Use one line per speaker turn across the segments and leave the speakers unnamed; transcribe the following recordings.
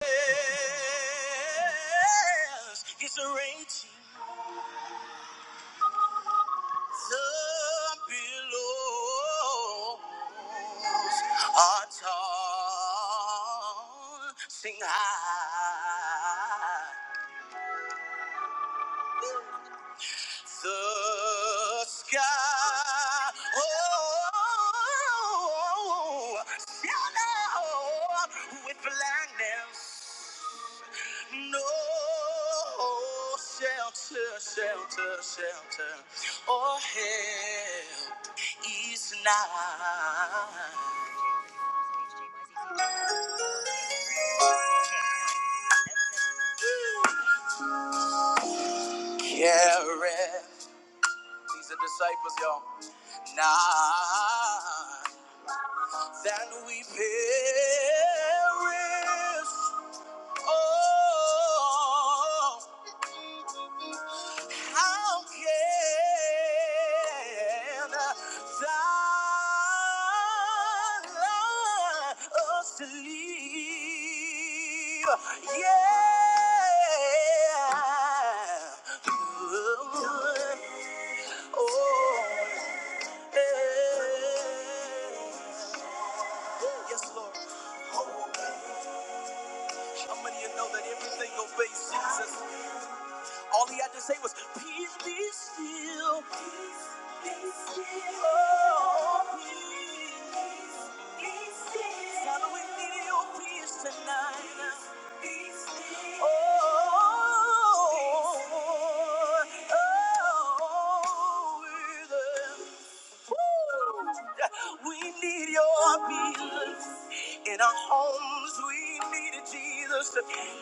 Yes, it's a raging the billows are tossing high the sky. Oh, shall I with blindness. No shelter, shelter, shelter, or help is nigh. Careth, these are disciples, y'all. Now that we perish, oh, How can thou sleep? Yeah. Oh. yeah. Yes, Lord. How many of you know that everything obeys Jesus? All he had to say was, Peace be still. Peace be still. Oh, peace. Peace be still. Father, we need your peace tonight. Peace be still. Oh, oh, oh, oh, oh, we need your peace in our homes. We need it, Jesus.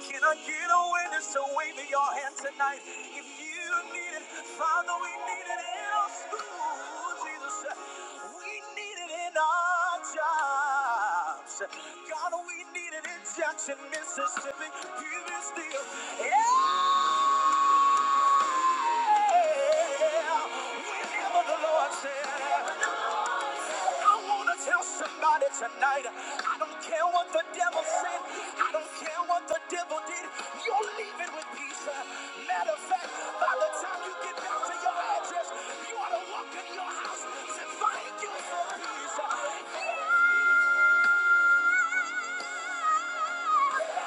Can I get a witness to wave me your hand tonight? If you need it, Father, we need it in our schools, Jesus. We need it in our jobs. God, we need it in Jackson, Mississippi. Give us the yeah. Whenever the Lord said. I wanna tell somebody tonight. I don't care what the devil said. I don't care what the devil did. You're leaving with peace. Matter of fact, by the time you get back to your address, you ought to walk in your house and thank you for peace. Yeah,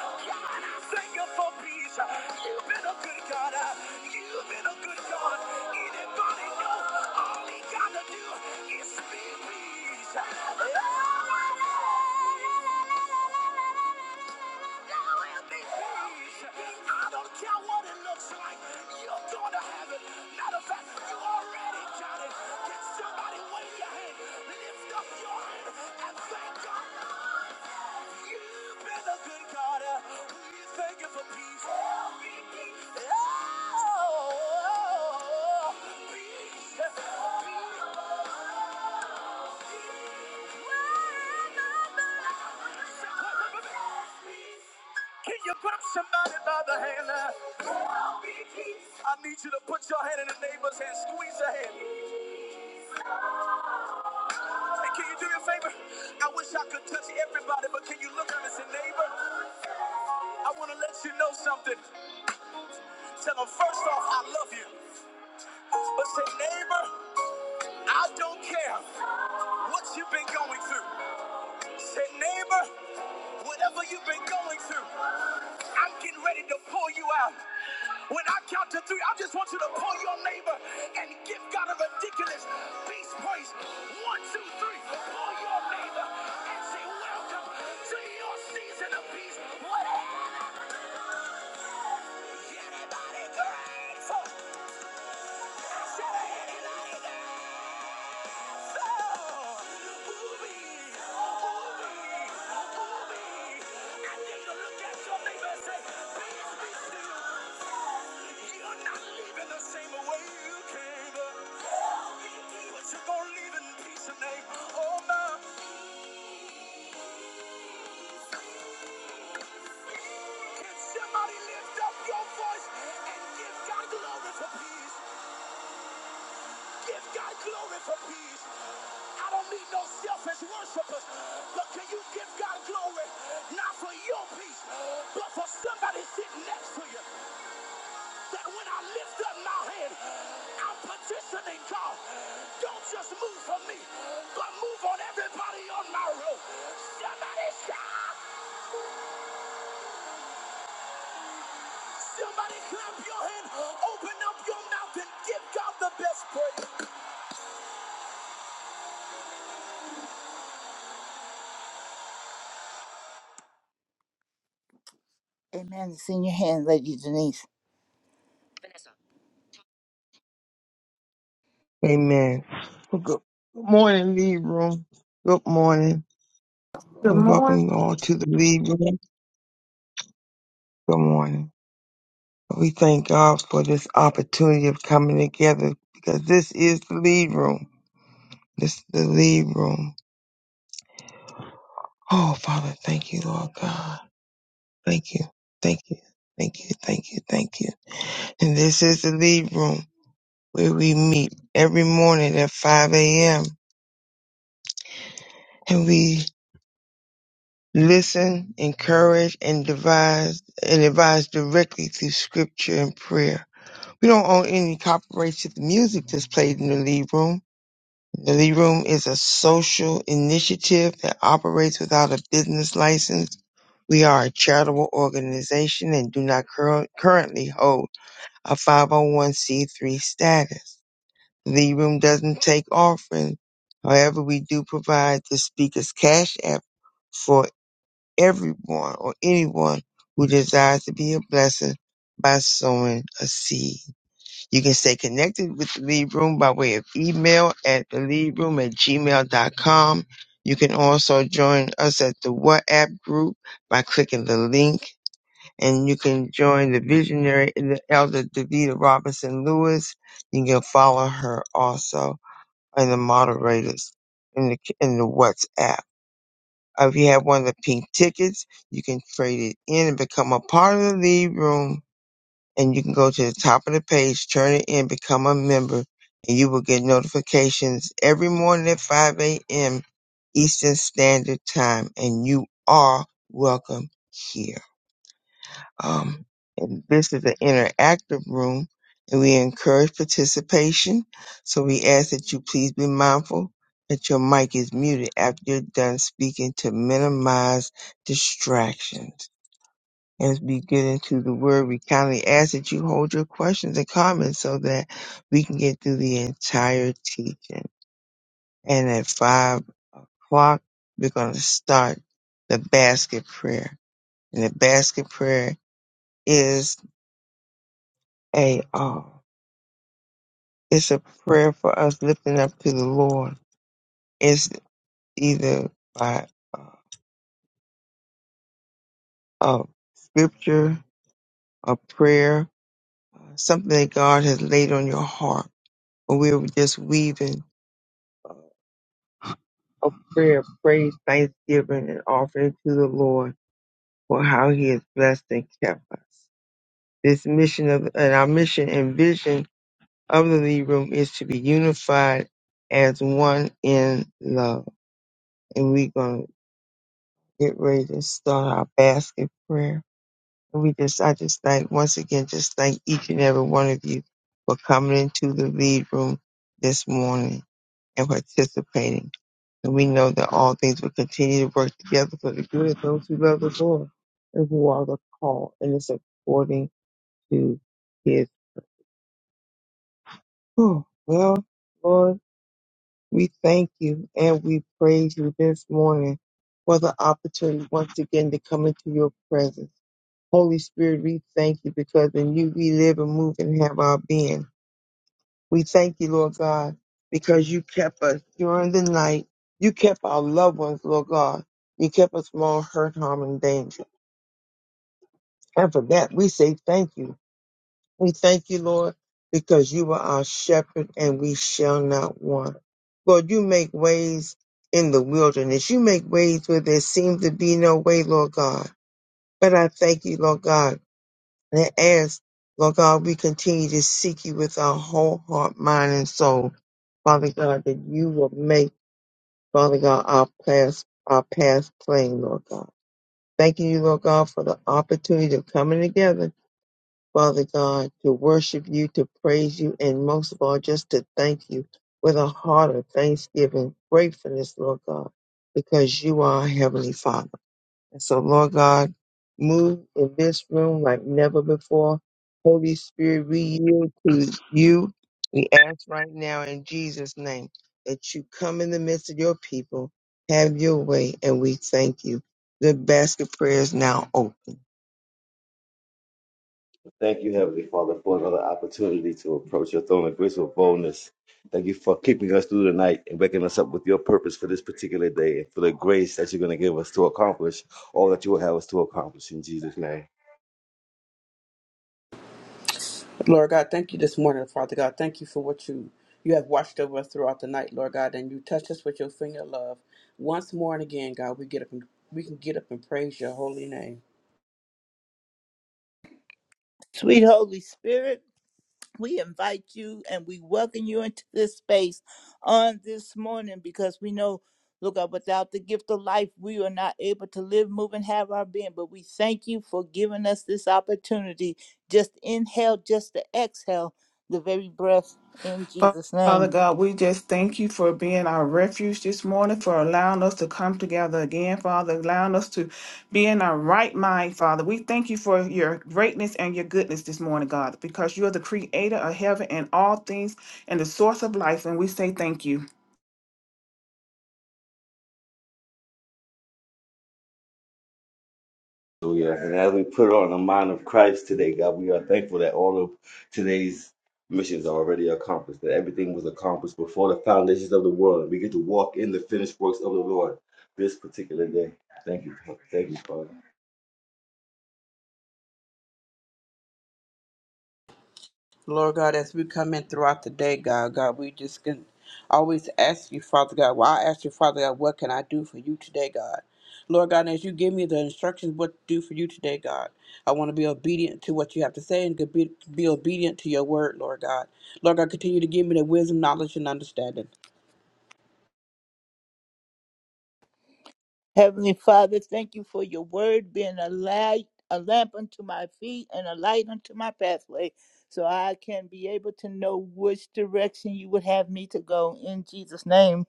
God, I thank you for peace. You've been a good God. You've been a good God. Anybody know all he got to do is be peace. There will be peace. I don't care what it looks like. You're going to have it. Matter of you already got it. Can somebody wave your hand? Lift up your hand and thank God. You've been a good God. We thank you for peace. Oh, Peace. Can you grab somebody by the hand? uh, I need you to put your hand in the neighbor's hand, squeeze her hand. And can you do me a favor? I wish I could touch everybody, but can you look at me and say, neighbor? I want to let you know something. Tell them, first off, I love you. But say, neighbor, I don't care what you've been going through. Say, neighbor, whatever you've been going through. I'm getting ready to pull you out. When I count to three, I just want you to pull your neighbor and give God a ridiculous peace praise. One, two, three. Pull your neighbor and say, Welcome to your season of peace. What is anybody grateful? I said, "Anybody grateful? Somebody lift up your voice and give God glory for peace. Give God glory for peace. I don't need no selfish worshipers, but can you give God glory not for your peace, but for somebody sitting next to you? That when I lift up my hand, I'm petitioning God. Don't just move for me, but move on everybody on my road. Somebody shout, somebody clap your hand, open up your mouth and give God the best praise. Amen. It's in your hand, Lady Denise. Vanessa.
Amen. Well, Good morning, Lead Room. Good morning,
Good
and
morning,
welcome all to the Lead Room. Good morning. We thank God for this opportunity of coming together because this is the Lead Room. This is the Lead Room. Oh, Father, thank you, Lord God. Thank you. Thank you. Thank you. Thank you. Thank you. And this is the Lead Room where we meet every morning at 5 a.m. and we. Listen, encourage, and advise, and advise directly through scripture and prayer. We don't own any copyrights to the music that's played in the lead room. The lead room is a social initiative that operates without a business license. We are a charitable organization and do not cur- currently hold a 501c3 status. The Lead Room doesn't take offerings. However, we do provide the speaker's cash app for everyone or anyone who desires to be a blessing by sowing a seed. You can stay connected with the lead room by way of email at theleadroom at gmail dot com. You can also join us at the WhatsApp group by clicking the link. And you can join the visionary, the elder Davida Robinson Lewis. You can follow her also and the moderators in the, in the WhatsApp. Uh, if you have one of the pink tickets, you can trade it in and become a part of the lead room. And you can go to the top of the page, turn it in, become a member, and you will get notifications every morning at 5 a.m. Eastern Standard Time. And you are welcome here. Um, and this is an interactive room, and we encourage participation. So we ask that you please be mindful that your mic is muted after you're done speaking to minimize distractions. As we get into the word, we kindly ask that you hold your questions and comments so that we can get through the entire teaching. And at five o'clock, we're going to start the basket prayer. And the basket prayer is a all. It's a prayer for us lifting up to the Lord. It's either by uh, uh, scripture, a prayer, uh, something that God has laid on your heart. or we're just weaving uh, a prayer, praise, thanksgiving, and offering to the Lord for how He has blessed and kept us. This mission of and our mission and vision of the lead room is to be unified as one in love, and we're going to get ready to start our basket prayer. And we just, I just thank, once again, just thank each and every one of you for coming into the lead room this morning and participating. And we know that all things will continue to work together for the good of those who love the Lord and who are the call. And it's according to his. Oh, well, Lord, we thank you and we praise you this morning for the opportunity once again to come into your presence Holy Spirit, we thank you because in you we live and move and have our being. We thank you, Lord God, because you kept us during the night. You kept our loved ones, Lord God. You kept us from all hurt, harm, and danger. And for that, we say thank you. We thank you, Lord, because you are our shepherd and we shall not want. Lord, you make ways in the wilderness. You make ways where there seems to be no way, Lord God. But I thank you, Lord God and it asks, Lord God, we continue to seek you with our whole heart, mind, and soul. Father God, that you will make, Father God, our path, our path plain, Lord God. Thanking you, Lord God, for the opportunity of coming together, Father God, to worship you, to praise you, and most of all, just to thank you with a heart of thanksgiving, gratefulness, Lord God, because you are our Heavenly Father. And so, Lord God, move in this room like never before. Holy Spirit, we yield to you. We ask right now in Jesus' name that you come in the midst of your people, have your way, and we thank you. The basket prayer is now open.
Thank you, Heavenly Father, for another opportunity to approach your throne of grace with boldness. Thank you for keeping us through the night and waking us up with your purpose for this particular day and for the grace that you're going to give us to accomplish all that you will have us to accomplish in Jesus' name.
Lord God, thank you this morning, Father God. Thank you for what you you have watched over us throughout the night, Lord God, and you touched us with your finger of love. Once more and again, God, we get up and we can get up and praise your holy name.
Sweet Holy Spirit, we invite you and we welcome you into this space on this morning because we know, look up, without the gift of life, we are not able to live, move, and have our being. But we thank you for giving us this opportunity just to inhale, just to exhale the very breath in
Fa-
Jesus' name.
Father God. We just thank you for being our refuge this morning, for allowing us to come together again, Father, allowing us to be in our right mind, Father. We thank you for your greatness and your goodness this morning, God, because you are the creator of heaven and all things and the source of life. And we say thank you.
Hallelujah. And as we put on the mind of Christ today, God, we are thankful that all of today's missions are already accomplished, that everything was accomplished before the foundations of the world. And we get to walk in the finished works of the Lord this particular day. Thank you. Thank you, Father.
Lord God, as we come in throughout the day, God, God, we just can always ask you, Father God. Well, I ask you, Father God, what can I do for you today, God? Lord God, as you give me the instructions what to do for you today, God, I want to be obedient to what you have to say and to be, be obedient to your word, Lord God. Lord God, continue to give me the wisdom, knowledge, and understanding.
Heavenly Father, thank you for your word being a light, a lamp unto my feet and a light unto my pathway, so I can be able to know which direction you would have me to go in Jesus' name.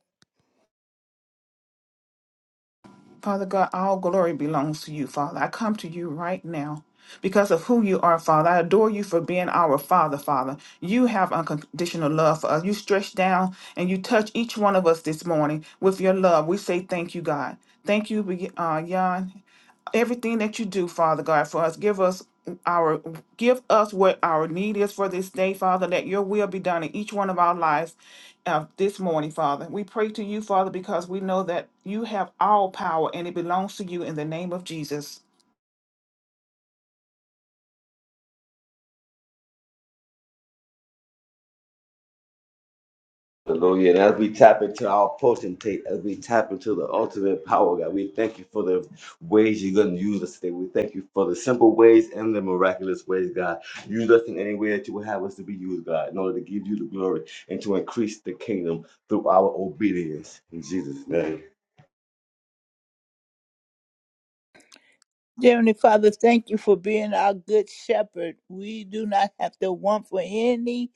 Father God, all glory belongs to you, Father. I come to you right now because of who you are, Father. I adore you for being our Father, Father. You have unconditional love for us. You stretch down and you touch each one of us this morning with your love. We say thank you, God. Thank you, uh, Jan everything that you do, Father God, for us. Give us our give us what our need is for this day, Father. Let your will be done in each one of our lives uh, this morning, Father. We pray to you, Father, because we know that you have all power and it belongs to you in the name of Jesus.
Hallelujah. And as we tap into our potentate, as we tap into the ultimate power, God, we thank you for the ways you're going to use us today. We thank you for the simple ways and the miraculous ways, God. Use us in any way that you would have us to be used, God, in order to give you the glory and to increase the kingdom through our obedience. In Jesus' name.
Dear Heavenly Father, thank you for being our good shepherd. We do not have to want for any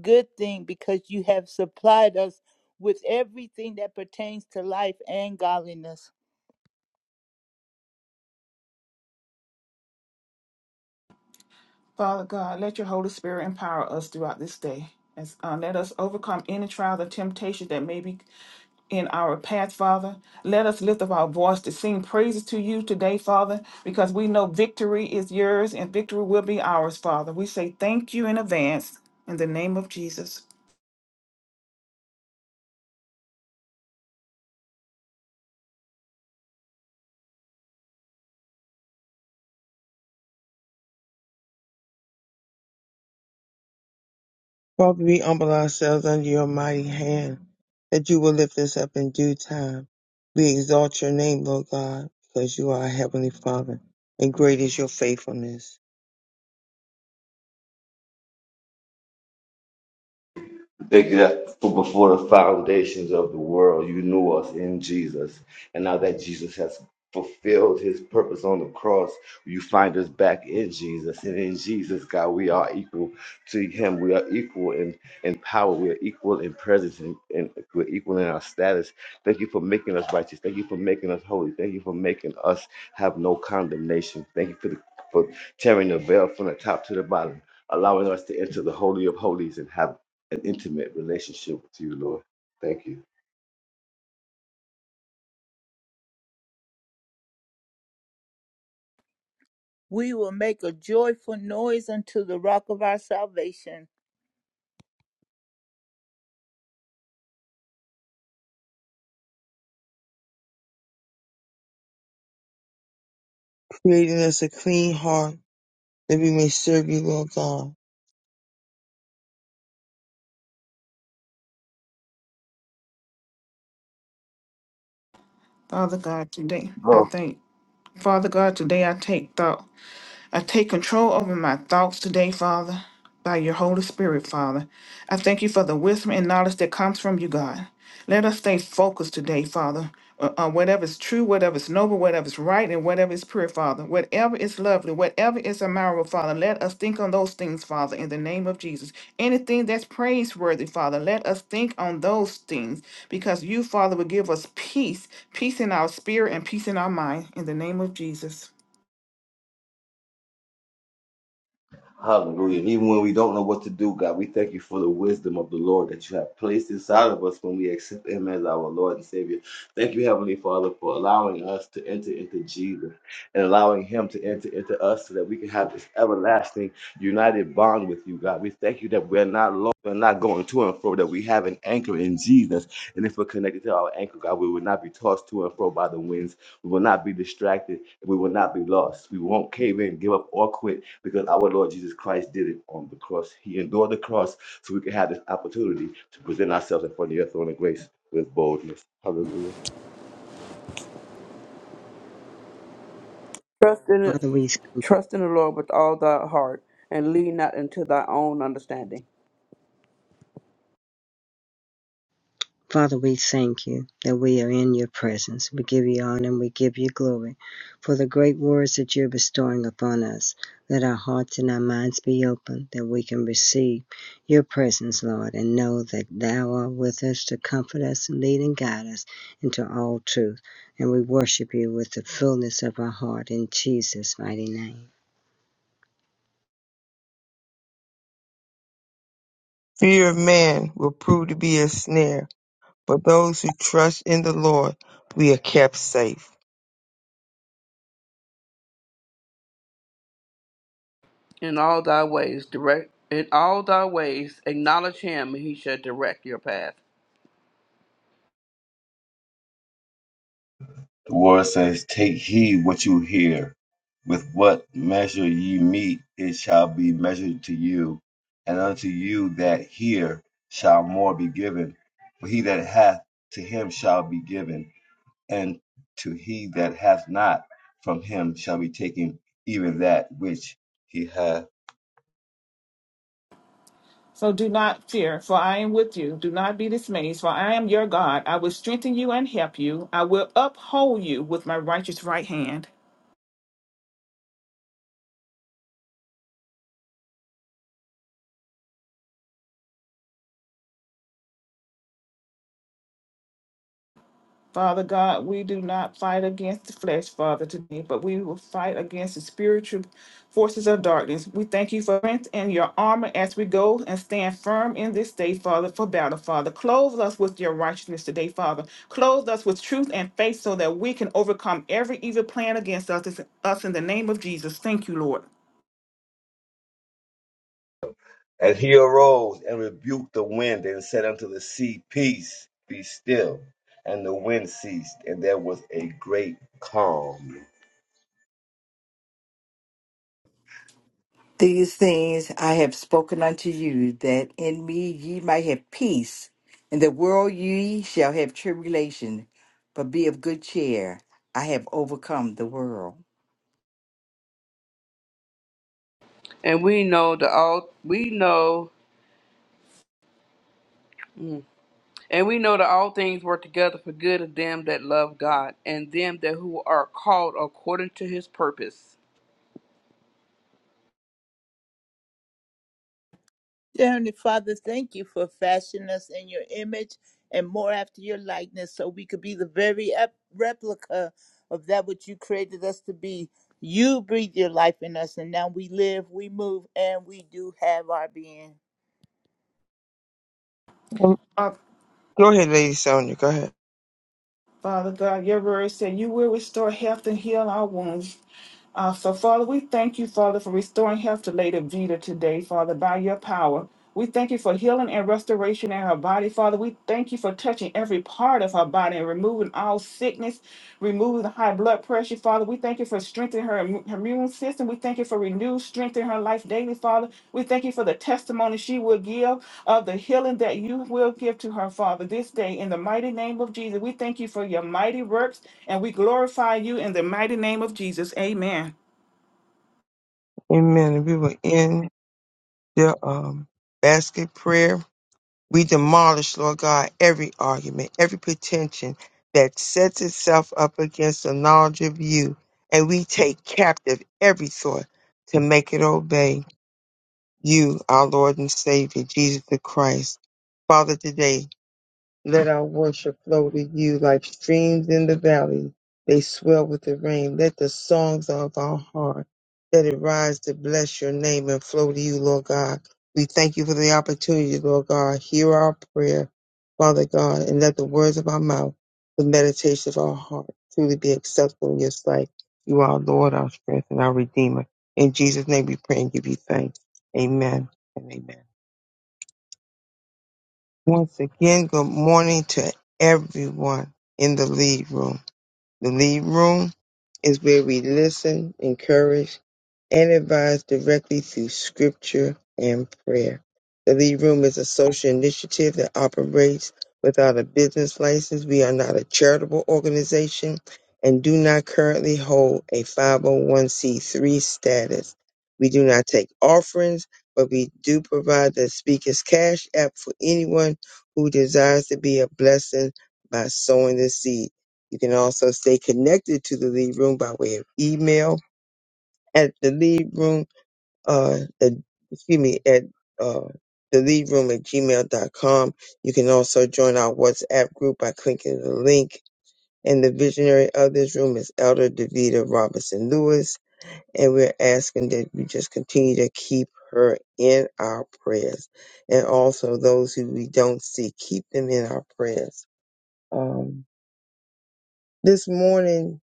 good thing because you have supplied us with everything that pertains to life and godliness.
Father God, let your Holy Spirit empower us throughout this day. As, uh, let us overcome any trial or temptation that may be in our path, Father. Let us lift up our voice to sing praises to you today, Father, because we know victory is yours and victory will be ours, Father. We say thank you in advance in the name of Jesus.
Father, we humble ourselves under your mighty hand that you will lift us up in due time. We exalt your name, Lord God, because you are our Heavenly Father, and great is your faithfulness.
Thank Exact- for Before the foundations of the world, you knew us in Jesus. And now that Jesus has fulfilled his purpose on the cross, you find us back in Jesus. And in Jesus, God, we are equal to him. We are equal in, in power. We are equal in presence and, and we're equal in our status. Thank you for making us righteous. Thank you for making us holy. Thank you for making us have no condemnation. Thank you for, the, for tearing the veil from the top to the bottom allowing us to enter the Holy of Holies and have an intimate relationship with you, Lord. Thank you.
We will make a joyful noise unto the rock of our salvation.
Creating us a clean heart that we may serve you, Lord God.
Father God, today
Oh.
I thank Father God, today I take thought I take control over my thoughts today, Father, by your Holy Spirit, Father. I thank you for the wisdom and knowledge that comes from you, God. Let us stay focused today, Father, on on whatever is true, whatever is noble, whatever is right, and whatever is pure, Father. Whatever is lovely, whatever is admirable, Father, let us think on those things, Father, in the name of Jesus. Anything that's praiseworthy, Father, let us think on those things because you, Father, will give us peace, peace in our spirit and peace in our mind, in the name of Jesus.
Hallelujah. And even when we don't know what to do, God, we thank you for the wisdom of the Lord that you have placed inside of us when we accept Him as our Lord and Savior. Thank you, Heavenly Father, for allowing us to enter into Jesus and allowing Him to enter into us so that we can have this everlasting united bond with you, God. We thank you that we're not lost, we're not going to and fro, that we have an anchor in Jesus. And if we're connected to our anchor, God, we will not be tossed to and fro by the winds. We will not be distracted. We will not be lost. We won't cave in, give up, or quit because our Lord Jesus Christ did it on the cross. He endured the cross so we could have this opportunity to present ourselves in front of your throne of grace with boldness. Hallelujah.
Trust in the,
Father, we
trust in the Lord with all thy heart, and lean not into thy own understanding.
Father, we thank you that we are in your presence. We give you honor and we give you glory for the great words that you're bestowing upon us. Let our hearts and our minds be open that we can receive your presence, Lord, and know that thou art with us to comfort us and lead and guide us into all truth. And we worship you with the fullness of our heart in Jesus' mighty name.
Fear of man will prove to be a snare, but those who trust in the Lord, we are kept safe.
In all thy ways direct in all thy ways acknowledge him and he shall direct your path.
The word says, Take heed what you hear. With what measure ye meet, it shall be measured to you. And unto you that hear shall more be given. For he that hath, to him shall be given. And to he that hath not, from him shall be taken even that which he hath.
So do not fear, for I am with you. Do not be dismayed, for I am your God. I will strengthen you and help you. I will uphold you with my righteous right hand. Father God, we do not fight against the flesh, Father, today, but we will fight against the spiritual forces of darkness. We thank you for strength and your armor as we go and stand firm in this day, Father, for battle, Father. Clothe us with your righteousness today, Father. Clothe us with truth and faith so that we can overcome every evil plan against us, us in the name of Jesus. Thank you, Lord.
And he arose and rebuked the wind and said unto the sea, Peace, be still. And the wind ceased, and there was a great calm.
These things I have spoken unto you, that in me ye might have peace. In the world ye shall have tribulation, but be of good cheer. I have overcome the world.
And we know that all we know mm, and we know that all things work together for good of them that love God and them that who are called according to his purpose.
Dear Heavenly Father, thank you for fashioning us in your image and more after your likeness so we could be the very ep- replica of that which you created us to be. You breathe your life in us, and now we live, we move, and we do have our being.
Um,
Our
Go ahead, Lady Sonia. Go ahead.
Father God, your word said you will restore health and heal our wounds. Uh, so, Father, we thank you, Father, for restoring health to Lady Vita today, Father, by your power. We thank you for healing and restoration in her body, Father. We thank you for touching every part of her body and removing all sickness, removing the high blood pressure, Father. We thank you for strengthening her her immune system. We thank you for renewed strength in her life daily, Father. We thank you for the testimony she will give of the healing that you will give to her, Father, this day. In the mighty name of Jesus, we thank you for your mighty works and we glorify you in the mighty name of Jesus. Amen.
Amen. And we will end the um, basket prayer. We demolish, Lord God, every argument, every pretension that sets itself up against the knowledge of you, and we take captive every thought to make it obey you, our Lord and Savior, Jesus the Christ. Father, today Let our worship flow to you like streams in the valley. They swell with the rain. Let the songs of our heart, let it rise to bless your name and flow to you, Lord God. We thank you for the opportunity, Lord God. Hear our prayer, Father God, and let the words of our mouth, the meditation of our heart, truly be acceptable in your sight. You are our Lord, our strength, and our Redeemer. In Jesus' name we pray and give you thanks. Amen and amen. Once again, good morning to everyone in the lead room. The lead room is where we listen, encourage, and advise directly through scripture and prayer. The Lead Room is a social initiative that operates without a business license. We are not a charitable organization and do not currently hold a 501c3 status. We do not take offerings, but we do provide the Speaker's Cash app for anyone who desires to be a blessing by sowing the seed. You can also stay connected to the Lead Room by way of email at the uh, the, excuse me, at uh, the lead room at gmail.com. You can also join our WhatsApp group by clicking the link. And the visionary of this room is Elder Davida Robinson Lewis. And we're asking that you just continue to keep her in our prayers. And also those who we don't see, keep them in our prayers. Um, this morning,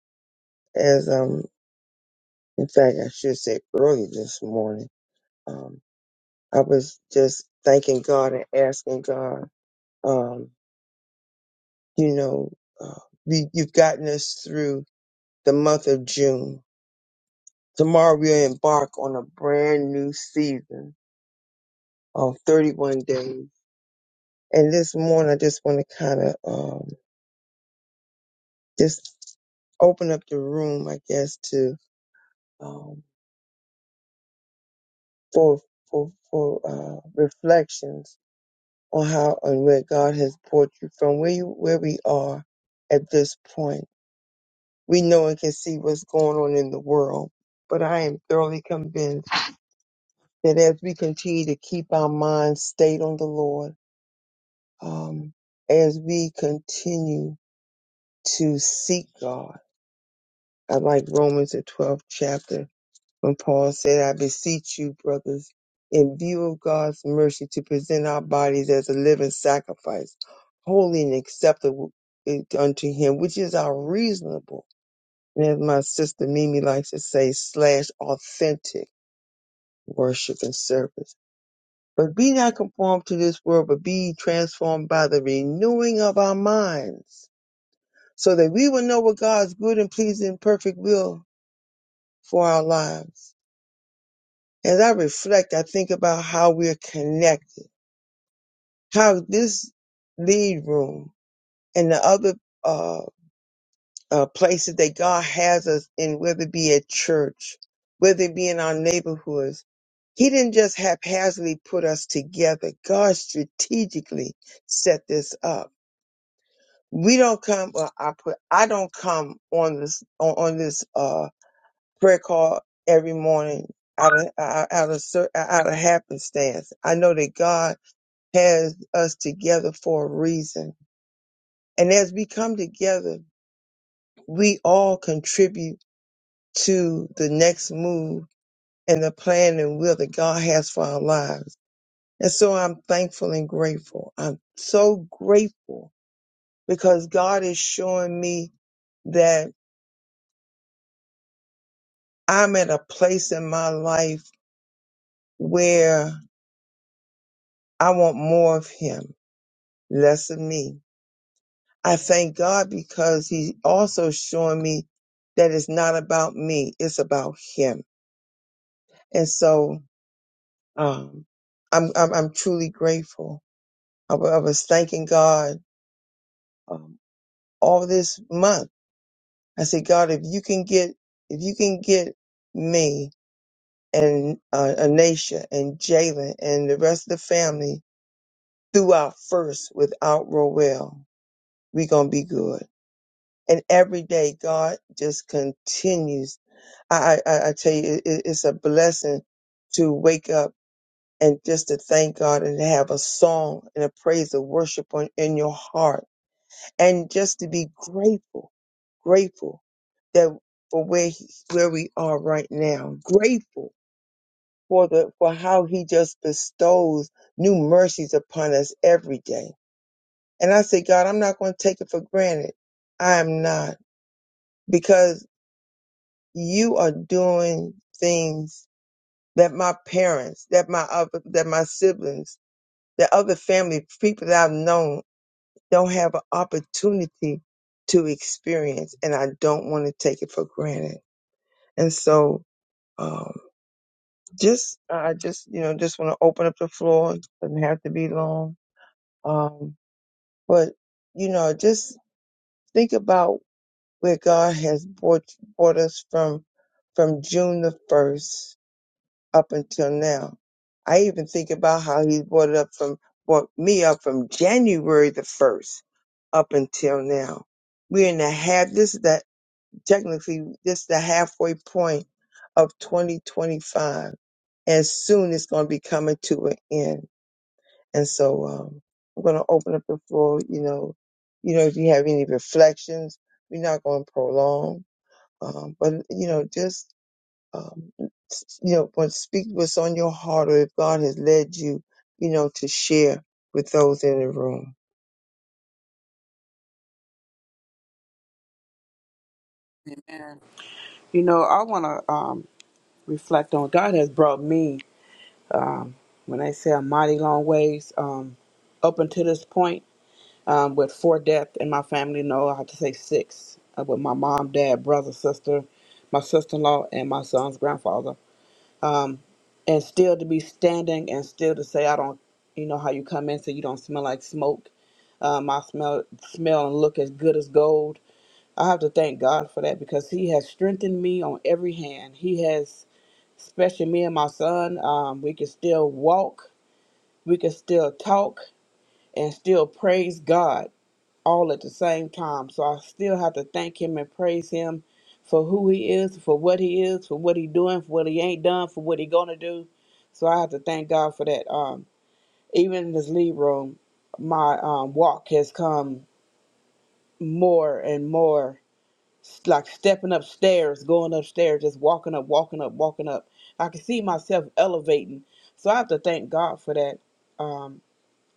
as um, in fact, I should say early this morning. um, I was just thanking God and asking God, um, you know, uh, we, you've gotten us through the month of June. Tomorrow we'll embark on a brand new season of 31 days. And this morning I just want to kind of, um, just open up the room, I guess, to, um, for, for, for, uh, reflections on how and where God has brought you from where you, where we are at this point we know and can see what's going on in the world. But I am thoroughly convinced that as we continue to keep our minds stayed on the Lord, um, as we continue to seek God, I like Romans the 12th chapter when Paul said, I beseech you, brothers, in view of God's mercy, to present our bodies as a living sacrifice, holy and acceptable eh, unto him, which is our reasonable And as my sister Mimi likes to say, slash authentic worship and service. But be not conformed to this world, but be transformed by the renewing of our minds, so that we will know what God's good and pleasing and perfect will for our lives. As I reflect, I think about how we're connected, how this lead room and the other uh, uh, places that God has us in, whether it be at church, whether it be in our neighborhoods. He didn't just haphazardly put us together. God strategically set this up. We don't come. Well, I put. I don't come on this on, on this uh, prayer call every morning out of out out of cer- uh, out of happenstance. I know that God has us together for a reason, and as we come together, we all contribute to the next move and the plan and will that God has for our lives. And so I'm thankful and grateful. I'm so grateful because God is showing me that I'm at a place in my life where I want more of Him, less of me. I thank God because He also showing me that it's not about me, it's about Him. And so, um, I'm, I'm, I'm truly grateful. I wa- I was thanking God um, all this month. I said, God, if you can get, if you can get me and uh, Anisha and Jalen and the rest of the family through our first without Roel, we gonna be good. And every day, God just continues. I I, I I tell you, it, it- it's a blessing to wake up and just to thank God and to have a song and a praise of worship on, in your heart and just to be grateful, grateful that for where he, where we are right now, grateful for the for how he just bestows new mercies upon us every day. And I say, God, I'm not going to take it for granted. I am not because you are doing things that my parents, that my other, that my siblings, that other family people that I've known don't have an opportunity to experience, and I don't want to take it for granted. And so, um, just I just you know just want to open up the floor. It doesn't have to be long, um, but you know just think about where God has brought brought us from from June the first up until now. I even think about how He brought it up from brought me up from January the first up until now. We're in the habit. This is that technically this is the halfway point of 2025 and soon it's going to be coming to an end and so um, i'm going to open up the floor you know you know if you have any reflections we're not going to prolong um, but you know just um, s- you know when speak what's on your heart or if god has led you you know to share with those in the room
And you know, I wanna um reflect on God has brought me um when I say a mighty long ways, um up until this point um, with four deaths in my family. No, I have to say six uh, with my mom, dad, brother, sister, my sister in law, and my son's grandfather. Um, and still to be standing and still to say, I don't, you know, how you come in so you don't smell like smoke. Um, I smell, smell and look as good as gold. I have to thank God for that because He has strengthened me on every hand. He has, especially me and my son, um, we can still walk, we can still talk, and still praise God all at the same time. So I still have to thank him and praise him for who he is, for what he is, for what he doing, for what he ain't done, for what he gonna do. So I have to thank God for that. Um, even in this lead room, my um, walk has come more and more s- like stepping upstairs, going upstairs, just walking up, walking up, walking up. I can see myself elevating. So I have to thank God for that. Um,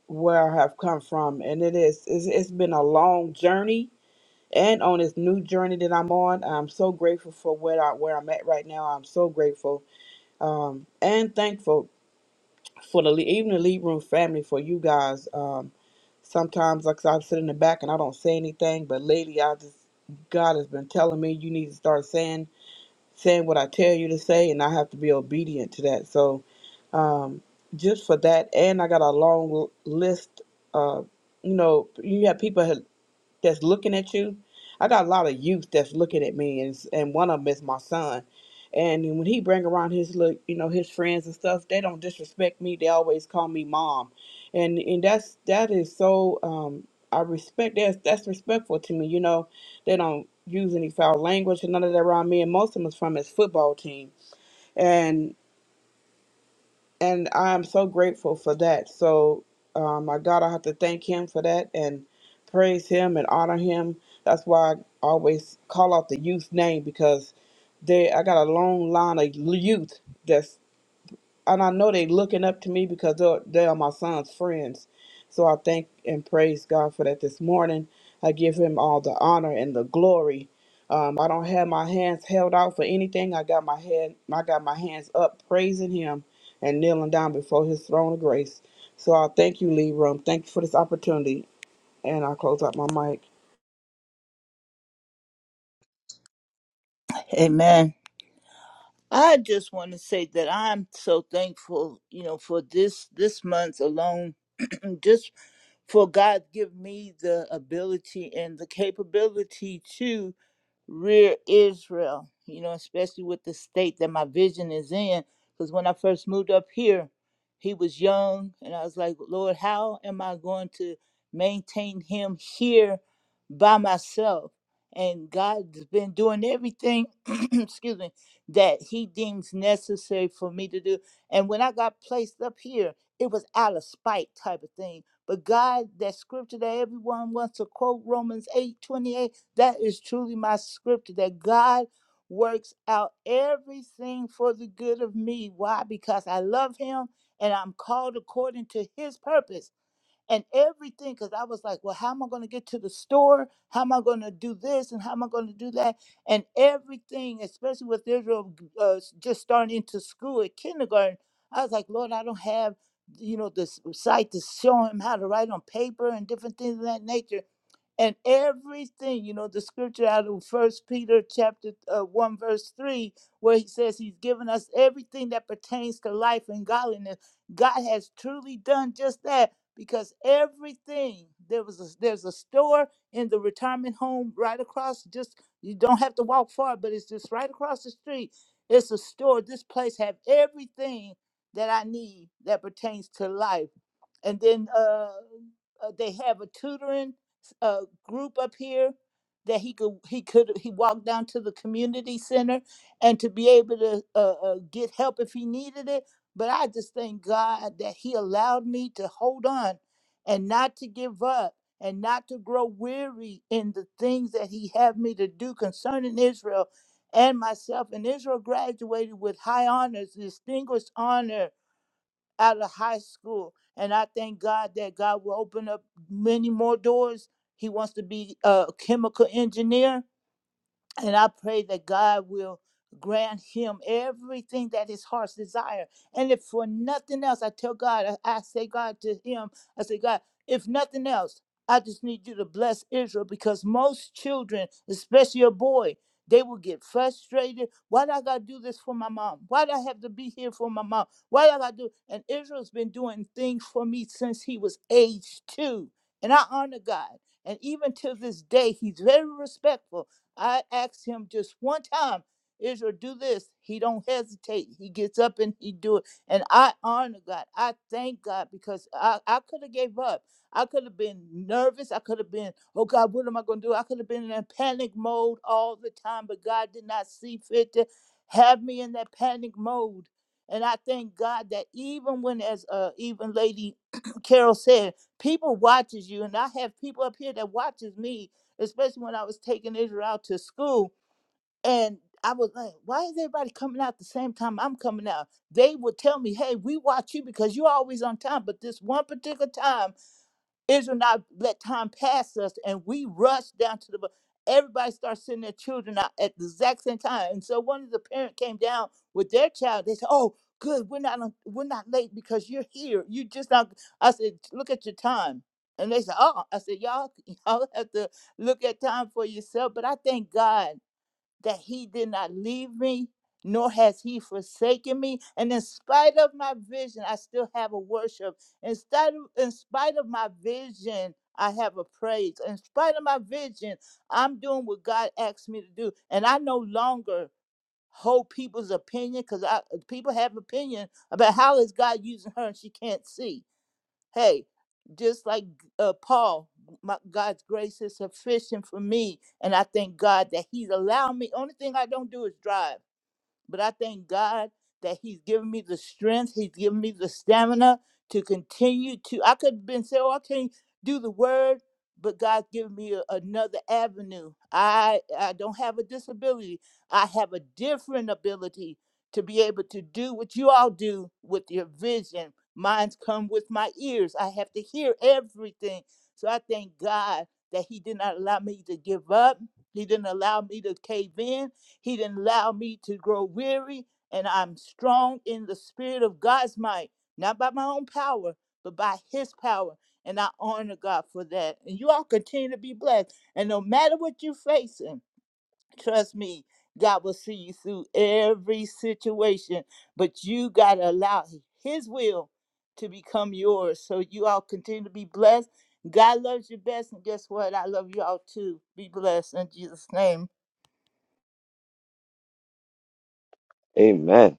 where I have come from, and it is it's, it's been a long journey and on this new journey that I'm on. I'm so grateful for where I where I'm at right now. I'm so grateful um, and thankful for the le- even the lead room family for you guys. Um, sometimes like I said, I sit in the back and I don't say anything, but lately I just God has been telling me you need to start saying saying what I tell you to say, and I have to be obedient to that. So um, just for that, and I got a long l- list. Uh, you know, you have people that's looking at you. I got a lot of youth that's looking at me, and and one of them is my son. And when he bring around his look, you know, his friends and stuff, they don't disrespect me. They always call me mom, and and that's that is so. Um, I respect that's that's respectful to me. You know, they don't use any foul language and none of that around me. And most of them is from his football team, and I'm so grateful for that. So, um, my God, I have to thank Him for that and praise Him and honor Him. That's why I always call out the youth name because they I got a long line of youth. that's and I know they looking up to me because they're, they are my son's friends. So I thank and praise God for that this morning. I give him all the honor and the glory. Um, I don't have my hands held out for anything. I got my head, I got my hands up praising him and kneeling down before his throne of grace. So I thank you, Lee Room. Thank you for this opportunity. And I close out my mic.
Amen. I just want to say that I'm so thankful, you know, for this this month alone, Just For God give me the ability and the capability to rear Israel, you know, especially with the state that my vision is in. Because when I first moved up here, he was young, and I was like, Lord, how am I going to maintain him here by myself? And God's been doing everything, excuse me, that he deems necessary for me to do. And when I got placed up here, it was out of spite type of thing but God, that scripture that everyone wants to quote, Romans eight twenty that is truly my scripture that God works out everything for the good of me. Why? Because I love Him and I'm called according to His purpose and everything because I was like, well, how am I going to get to the store? How am I going to do this? And how am I going to do that? And everything, especially with Israel uh, s- just starting into school at kindergarten, I was like, Lord, I don't have, you know, this site to show him how to write on paper and different things of that nature and everything you know the scripture out of first peter chapter uh, 1 verse 3 where he says he's given us everything that pertains to life and godliness god has truly done just that because everything there was a, there's a store in the retirement home right across just you don't have to walk far but it's just right across the street it's a store this place have everything that i need that pertains to life and then uh, uh, they have a tutoring uh, group up here that he could he could he walked down to the community center and to be able to uh, uh, get help if he needed it. But I just thank God that He allowed me to hold on and not to give up and not to grow weary in the things that He had me to do concerning Israel and myself. And Israel graduated with high honors, distinguished honor out of high school. And I thank God that God will open up many more doors. He wants to be a chemical engineer and I pray that God will grant him everything that his heart's desire. And if for nothing else, I tell God, I, I say God to him, I say, God, if nothing else, I just need you to bless Israel because most children, especially a boy, they will get frustrated. Why do I gotta do this for my mom? Why do I have to be here for my mom? Why do I gotta do and Israel's been doing things for me since he was age two. And I honor God. And even to this day, he's very respectful I asked him just one time, Israel, do this. He don't hesitate. He gets up and he do it. And I honor God. I thank God because I, I could have gave up. I could have been nervous. I could have been, oh God, what am I going to do? I could have been in a panic mode all the time, but God did not see fit to have me in that panic mode. And I thank God that even when, as uh, even Lady Carol said, people watches you, and I have people up here that watches me especially when I was taking Israel out to school. And I was like, why is everybody coming out the same time I'm coming out? They would tell me, hey, we watch you because you're always on time. But this one particular time, Israel not let time pass us, and we rush down to the. bu- Everybody starts sending their children out at the exact same time, and so one of the parent came down with their child. They said, "Oh, good, we're not on- we're not late because you're here. You just not." I said, "Look at your time," and they said, "Oh," I said, "Y'all y'all have to look at time for yourself." But I thank God that he did not leave me, nor has he forsaken me. And in spite of my vision, I still have a worship. In spite of, in spite of my vision, I have a praise. In spite of my vision, I'm doing what God asked me to do. And I no longer hold people's opinion because people have opinion about how is God using her and she can't see. Hey, just like uh, Paul, my God's grace is sufficient for me, and I thank God that He's allowed me. Only thing I don't do is drive. But I thank God that He's given me the strength, He's given me the stamina to continue to. I could have been saying, oh, I can't do the word, but God's given me a- another avenue. I, I don't have a disability, I have a different ability to be able to do what you all do with your vision. Mine's come with my ears. I have to hear everything. So I thank God that He did not allow me to give up. He didn't allow me to cave in he didn't allow me to grow weary, and I'm strong in the spirit of God's might, not by my own power, but by his power. And I honor God for that. And you all continue to be blessed. And no matter what you're facing, trust me, God will see you through every situation. But you got to allow his will to become yours. So you all continue to be blessed. God loves you best. And guess what? I love you all too. Be blessed in Jesus' name.
Amen.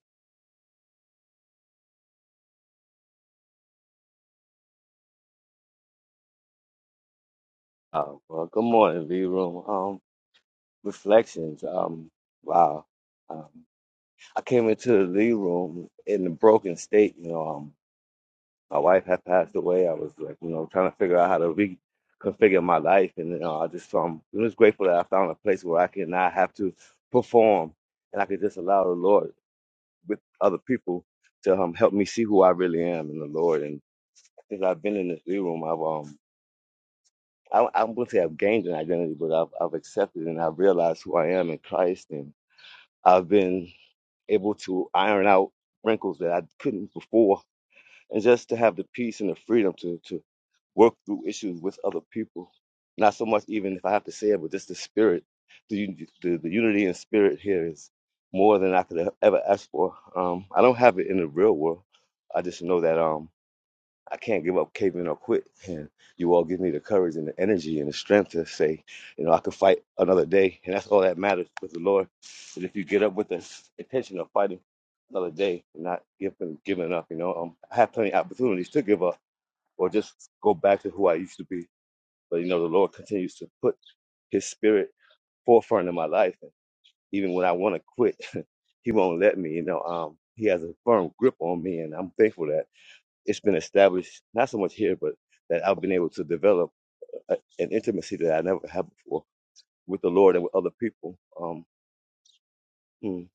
Uh, well, good morning, V Room. Um, reflections. Um, wow. Um, I came into the V Room in a broken state. You know, my wife had passed away. I was like, you know, trying to figure out how to reconfigure my life, and you know, I just um, I'm just grateful that I found a place where I can not have to perform, and I could just allow the Lord with other people to um help me see who I really am in the Lord. And since I've been in this lead room, I've um, I, I'm going to say I've gained an identity, but I've I've accepted and I've realized who I am in Christ, and I've been able to iron out wrinkles that I couldn't before, and just to have the peace and the freedom to to. work through issues with other people. Not so much even if I have to say it, but just the spirit, the un- the, the unity in spirit here is more than I could ever ask for. Um, I don't have it in the real world. I just know that um, I can't give up, cave in, or quit. And you all give me the courage and the energy and the strength to say, you know, I could fight another day, and that's all that matters with the Lord. And if you get up with the intention of fighting another day, and not giving giving up, you know, um, I have plenty of opportunities to give up or just go back to who I used to be. But you know, the Lord continues to put His Spirit forefront in my life, and even when I want to quit, He won't let me. You know, um, He has a firm grip on me, and I'm thankful that it's been established not so much here, but that I've been able to develop a, an intimacy that I never had before with the Lord and with other people. Um, mm,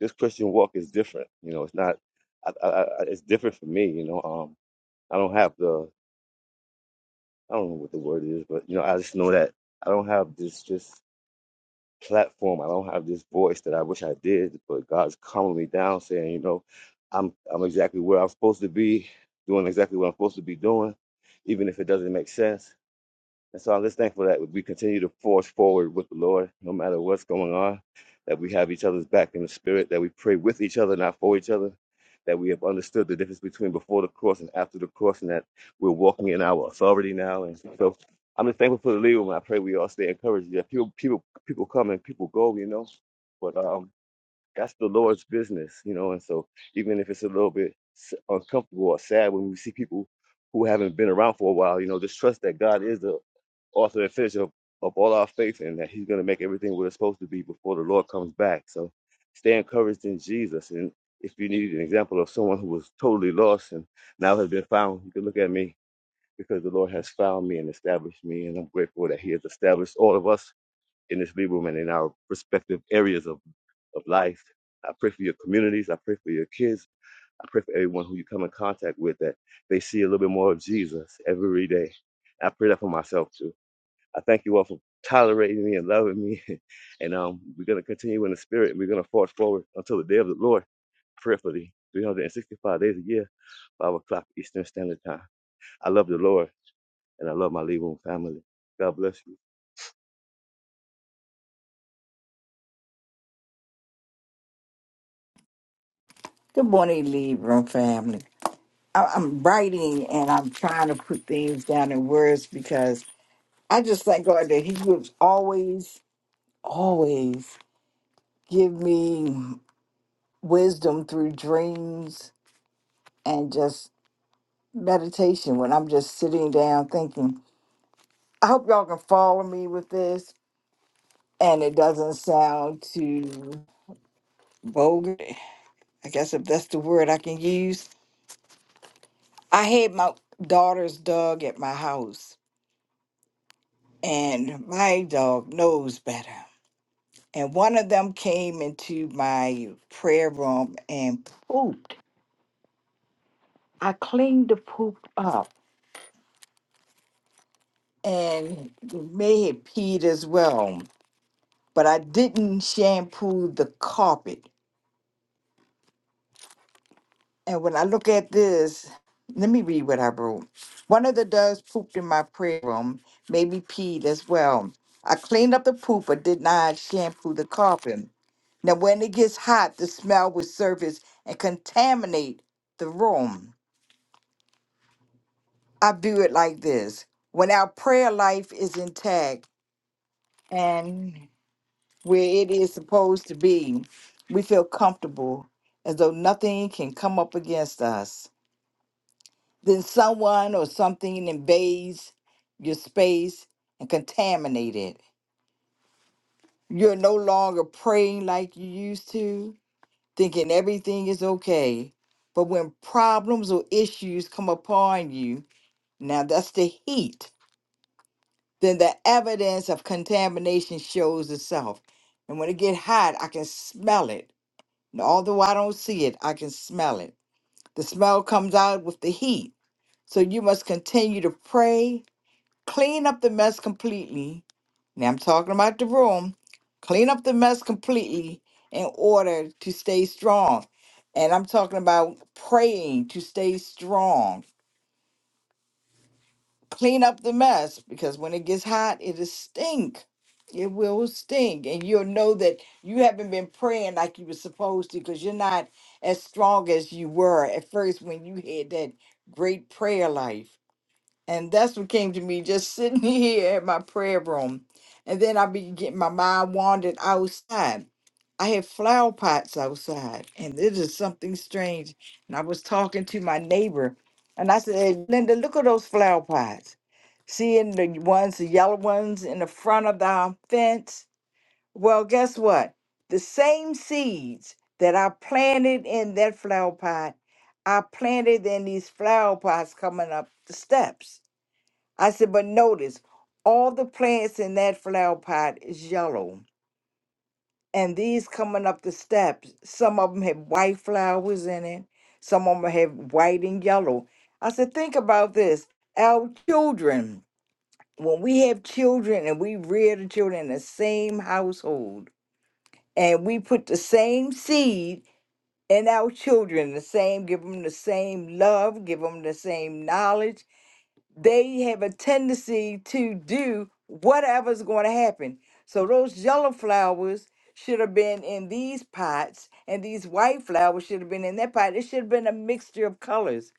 this Christian walk is different. You know, it's not. I, I, I, it's different for me. You know, um, I don't have the I don't know what the word is, but you know, I just know that I don't have this just platform. I don't have this voice that I wish I did, but God's calming me down, saying, you know, I'm I'm exactly where I'm supposed to be, doing exactly what I'm supposed to be doing, even if it doesn't make sense. And so I'm just thankful that we continue to forge forward with the Lord, no matter what's going on, that we have each other's back in the spirit, that we pray with each other, not for each other, that we have understood the difference between before the cross and after the cross, and that we're walking in our authority now. And so I'm just thankful for the leader, and I pray we all stay encouraged. Yeah, people, people, people come and people go, you know. But um, that's the Lord's business, you know. And so, even if it's a little bit s- uncomfortable or sad when we see people who haven't been around for a while, you know, just trust that God is the author and finisher of, of all our faith and that He's going to make everything what it's supposed to be before the Lord comes back. So, stay encouraged in Jesus. And if you need an example of someone who was totally lost and now has been found, you can look at me because the Lord has found me and established me. And I'm grateful that He has established all of us in this Lee room and in our respective areas of of life. I pray for your communities. I pray for your kids. I pray for everyone who you come in contact with that they see a little bit more of Jesus every day. I pray that for myself too. I thank you all for tolerating me and loving me. And um, we're going to continue in the spirit and we're going to forge forward until the day of the Lord, prayerfully, 365 days a year, 5 o'clock Eastern Standard Time. I love the Lord and I love my Lee Room family. God bless you.
Good morning, Libra family. I- I'm writing and I'm trying to put things down in words because I just thank God that He gives always, always give me wisdom through dreams and just meditation when I'm just sitting down thinking. I hope y'all can follow me with this and it doesn't sound too vulgar. I guess if that's the word I can use. I had my daughter's dog at my house and my dog knows better. And one of them came into my prayer room and pooped. I cleaned the poop up and it may have peed as well, but I didn't shampoo the carpet. And when I look at this, let me read what I wrote. One of the doves pooped in my prayer room, maybe peed as well. I cleaned up the poop but did not shampoo the carpet. Now, when it gets hot, the smell will surface and contaminate the room. I view it like this when our prayer life is intact and where it is supposed to be, we feel comfortable as though nothing can come up against us. Then someone or something invades your space and contaminate it. You're no longer praying like you used to, thinking everything is okay. But when problems or issues come upon you, now that's the heat, then the evidence of contamination shows itself. And when it get hot, I can smell it. And although I don't see it, I can smell it. The smell comes out with the heat. So you must continue to pray clean up the mess completely. Now I'm talking about the room. Clean up the mess completely in order to stay strong. And I'm talking about praying to stay strong. Clean up the mess because when it gets hot, it'll stink. It will stink. And you'll know that you haven't been praying like you were supposed to because you're not as strong as you were at first when you had that great prayer life. And that's what came to me just sitting here at my prayer room. And then I began, my mind wandered outside. I had flower pots outside, and this is something strange. And I was talking to my neighbor, and I said, "Hey, Linda, look at those flower pots. Seeing the ones, the yellow ones in the front of the fence? Well, guess what? The same seeds that I planted in that flower pot, I planted in these flower pots coming up the steps. I said, but notice all the plants in that flower pot is yellow. And these coming up the steps, some of them have white flowers in it, some of them have white and yellow. I said, think about this. Our children, when we have children and we rear the children in the same household, and we put the same seed in our children, the same, give them the same love, give them the same knowledge they have a tendency to do whatever's going to happen. So those yellow flowers should have been in these pots, and these white flowers should have been in that pot. It should have been a mixture of colors,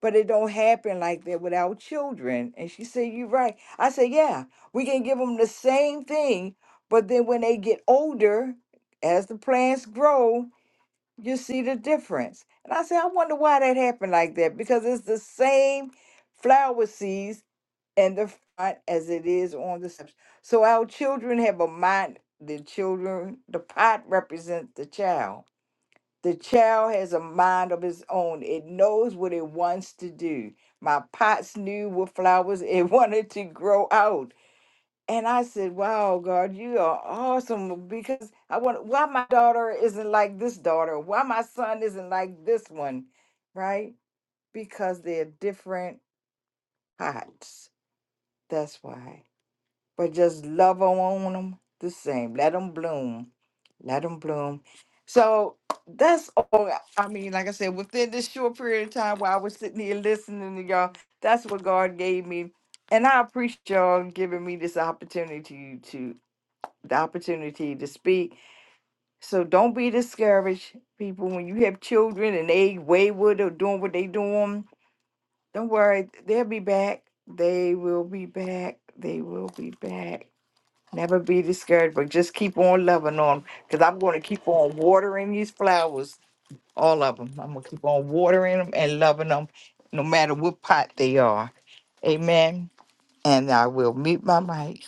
but it don't happen like that with our children. And she said, "You're right." I said, "Yeah, we can give them the same thing, but then when they get older, as the plants grow, you see the difference." And I said, "I wonder why that happened like that because it's the same flower seeds." and the front as it is on the steps. So our children have a mind, the children, the pot represents the child. The child has a mind of its own. It knows what it wants to do. My pots knew what flowers it wanted to grow out. And I said, Wow, God, you are awesome because I want why my daughter isn't like this daughter, why my son isn't like this one, right? Because they're different pots. That's why. but just love on them the same. Let them bloom. Let them bloom. So that's all. I mean, like I said, within this short period of time while I was sitting here listening to y'all, that's what God gave me. And I appreciate y'all giving me this opportunity to the opportunity to speak. So don't be discouraged, people. When you have children and they wayward or doing what they doing, don't worry, they'll be back. They will be back. They will be back. Never be discouraged, but just keep on loving on them. because I'm going to keep on watering these flowers, all of them. I'm going to keep on watering them and loving them no matter what pot they are. Amen. And I will meet my mic.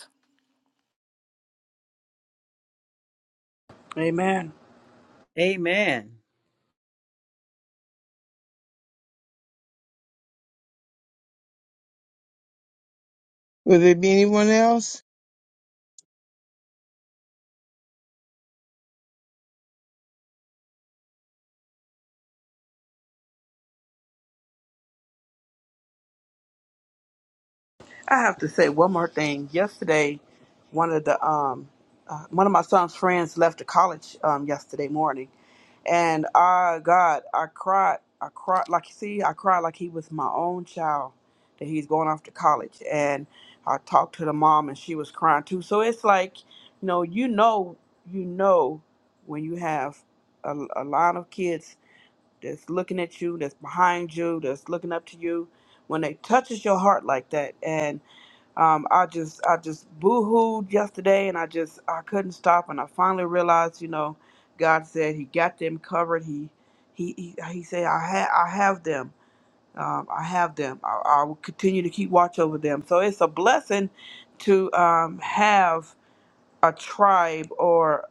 Amen.
Amen.
will there be anyone else
I have to say one more thing. Yesterday, one of the um, uh, one of my son's friends left the college um, yesterday morning, and I God, I cried. I cried like see, I cried like he was my own child that he's going off to college, and I talked to the mom, and she was crying too. So it's like, you know, you know, you know, when you have a, a line of kids that's looking at you, that's behind you, that's looking up to you, when they touches your heart like that, and um, I just I just boohooed yesterday, and I just I couldn't stop, and I finally realized, you know, God said He got them covered. He He He, he said I ha- I have them. Um, I have them. I, I will continue to keep watch over them. So it's a blessing to um, have a tribe or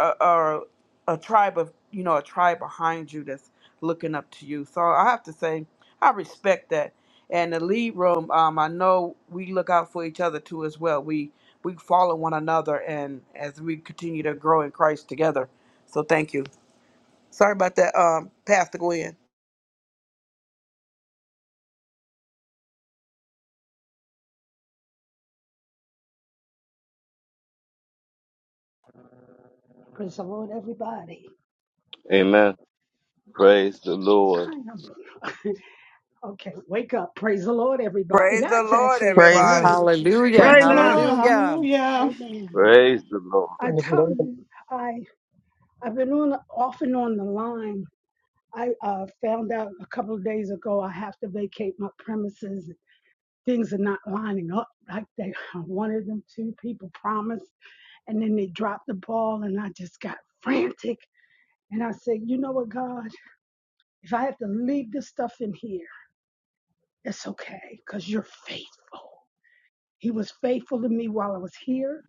a, a a tribe of you know a tribe behind you that's looking up to you. So I have to say I respect that. And the lead room, um, I know we look out for each other too as well. We we follow one another, and as we continue to grow in Christ together. So thank you. Sorry about that, um, Pastor Gwen.
Praise the Lord, everybody.
Amen. Praise the Lord.
I am okay. Wake up. Praise the Lord, everybody.
Praise the
That's
Lord,
actually a
praise him
command
everybody.
that you
Hallelujah.
Praise
realize.
praise
the
Thank
Lord.
him
you.
Hallelujah.
Hallelujah.
Amen.
Praise the Lord.
I
Praise the
tell
Lord.
you, I I've been on off and on the line. I uh, found out a couple of days ago I have to vacate my premises. Things are not lining up like they I wanted them to. People promised, and then they dropped the ball, and I just got frantic. And I said, you know what, God, if I have to leave this stuff in here. It's okay because you're faithful. He was faithful to me while I was here.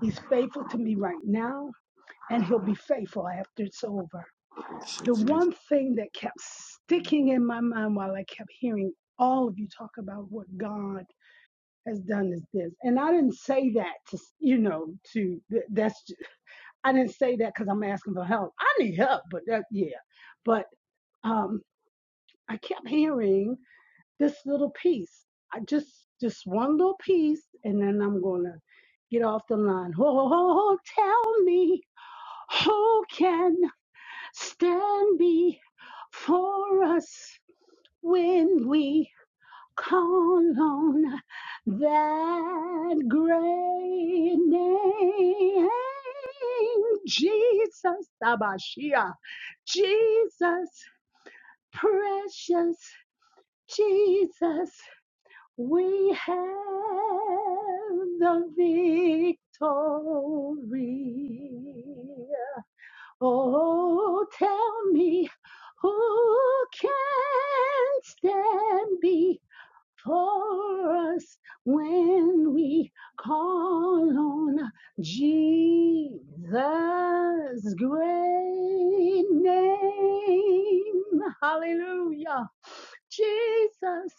He's faithful to me right now, and he'll be faithful after it's over. The one thing that kept sticking in my mind while I kept hearing all of you talk about what God has done is this. And I didn't say that to, you know, to, that's, I I didn't say that because I'm asking for help. I need help, but that, yeah. But um, I kept hearing this little piece. I just just one little piece, and then I'm gonna get off the line. Oh, tell me who can stand me for us when we call on that great name, Jesus, Abashia, Jesus, precious Jesus. We have the victory. Oh, tell me who can stand before us when we call on Jesus' great name. Hallelujah. Jesus,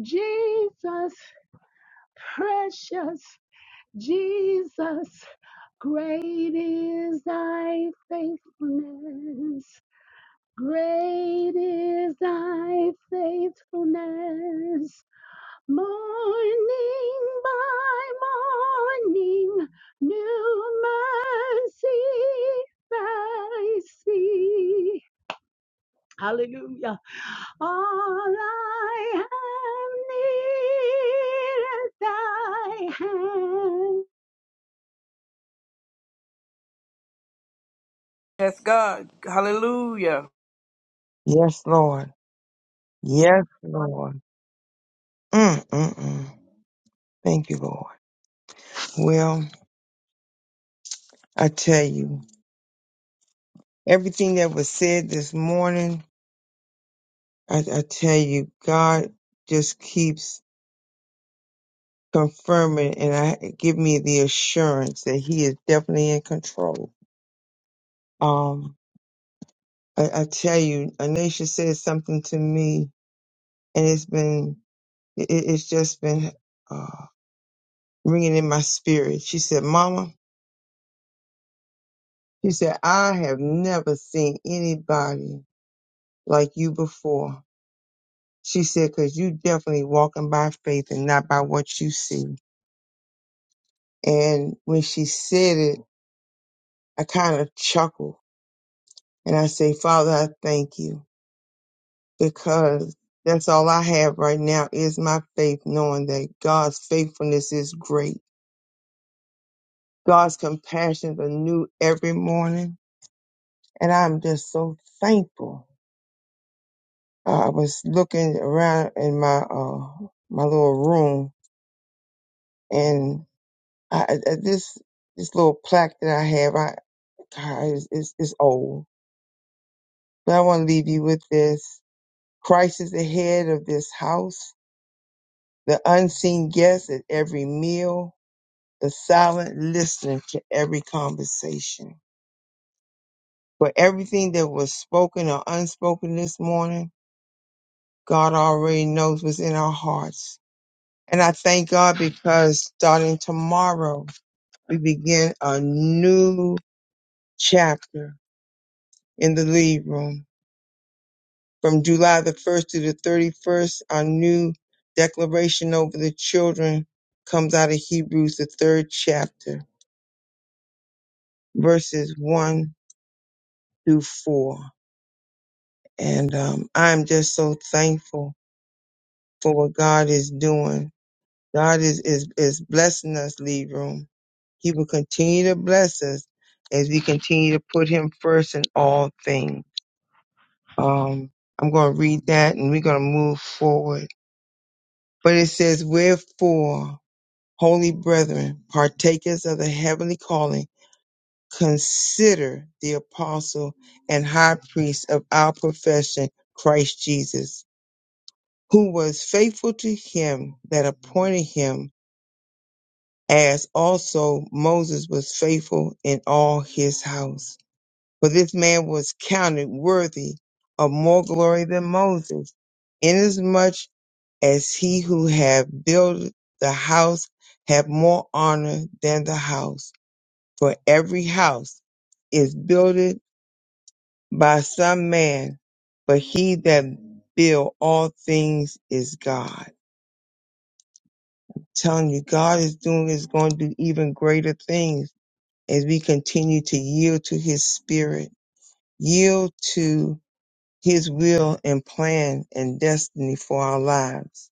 Jesus. Precious Jesus, great is thy faithfulness. Great is thy faithfulness. Morning by morning, new mercy I see. Hallelujah. All I have needed thy hand.
Yes, God. Hallelujah.
yes lord yes lord Mm-mm-mm. Thank you, Lord. Well, I tell you, everything that was said this morning, I, I tell you, God just keeps confirming and I give me the assurance that He is definitely in control. Um, I, I tell you, Anisha said something to me, and it's been, it, it's just been uh, ringing in my spirit. She said, "Mama," she said, "I have never seen anybody like you before." She said, because you definitely walking by faith and not by what you see. And when she said it, I kind of chuckled and I say, Father, I thank you because that's all I have right now is my faith, knowing that God's faithfulness is great. God's compassions are new every morning. And I'm just so thankful. I was looking around in my, uh, my little room and. I, I- I- this this little plaque that I have, I God, it's, it's, it's old, but I want to leave you with this. Christ is the head of this house, the unseen guest at every meal, the silent listener to every conversation. For everything that was spoken or unspoken this morning, God already knows what's in our hearts. And I thank God because starting tomorrow, we begin a new chapter in the lead room From July the 1st to the 31st, our new declaration over the children comes out of Hebrews, the third chapter, verses 1 through 4. And um, I'm just so thankful for what God is doing. God is, is, is blessing us, Lead Room. He will continue to bless us as we continue to put Him first in all things. Um, I'm going to read that and we're going to move forward. But it says, Wherefore? Holy brethren, partakers of the heavenly calling, consider the apostle and high priest of our profession, Christ Jesus, who was faithful to him that appointed him, as also Moses was faithful in all his house. For this man was counted worthy of more glory than Moses, inasmuch as he who had built the house had more honor than the house. For every house is builded by some man, but he that build all things is God. telling you, God is doing is going to do even greater things as we continue to yield to His Spirit, yield to His will and plan and destiny for our lives.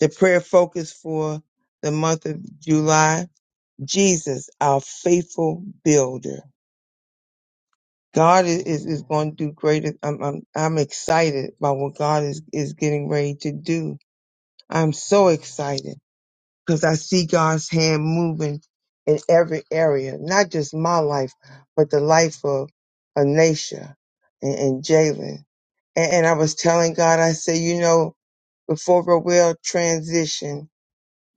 The prayer focus for the month of July: Jesus, our faithful builder. God is, is, is going to do greater. I'm, I'm, I'm excited about what God is, is getting ready to do. I'm so excited because I see God's hand moving in every area, not just my life, but the life of Anasia and, and Jalen. And, and I was telling God, I said, you know, before Roel transitioned,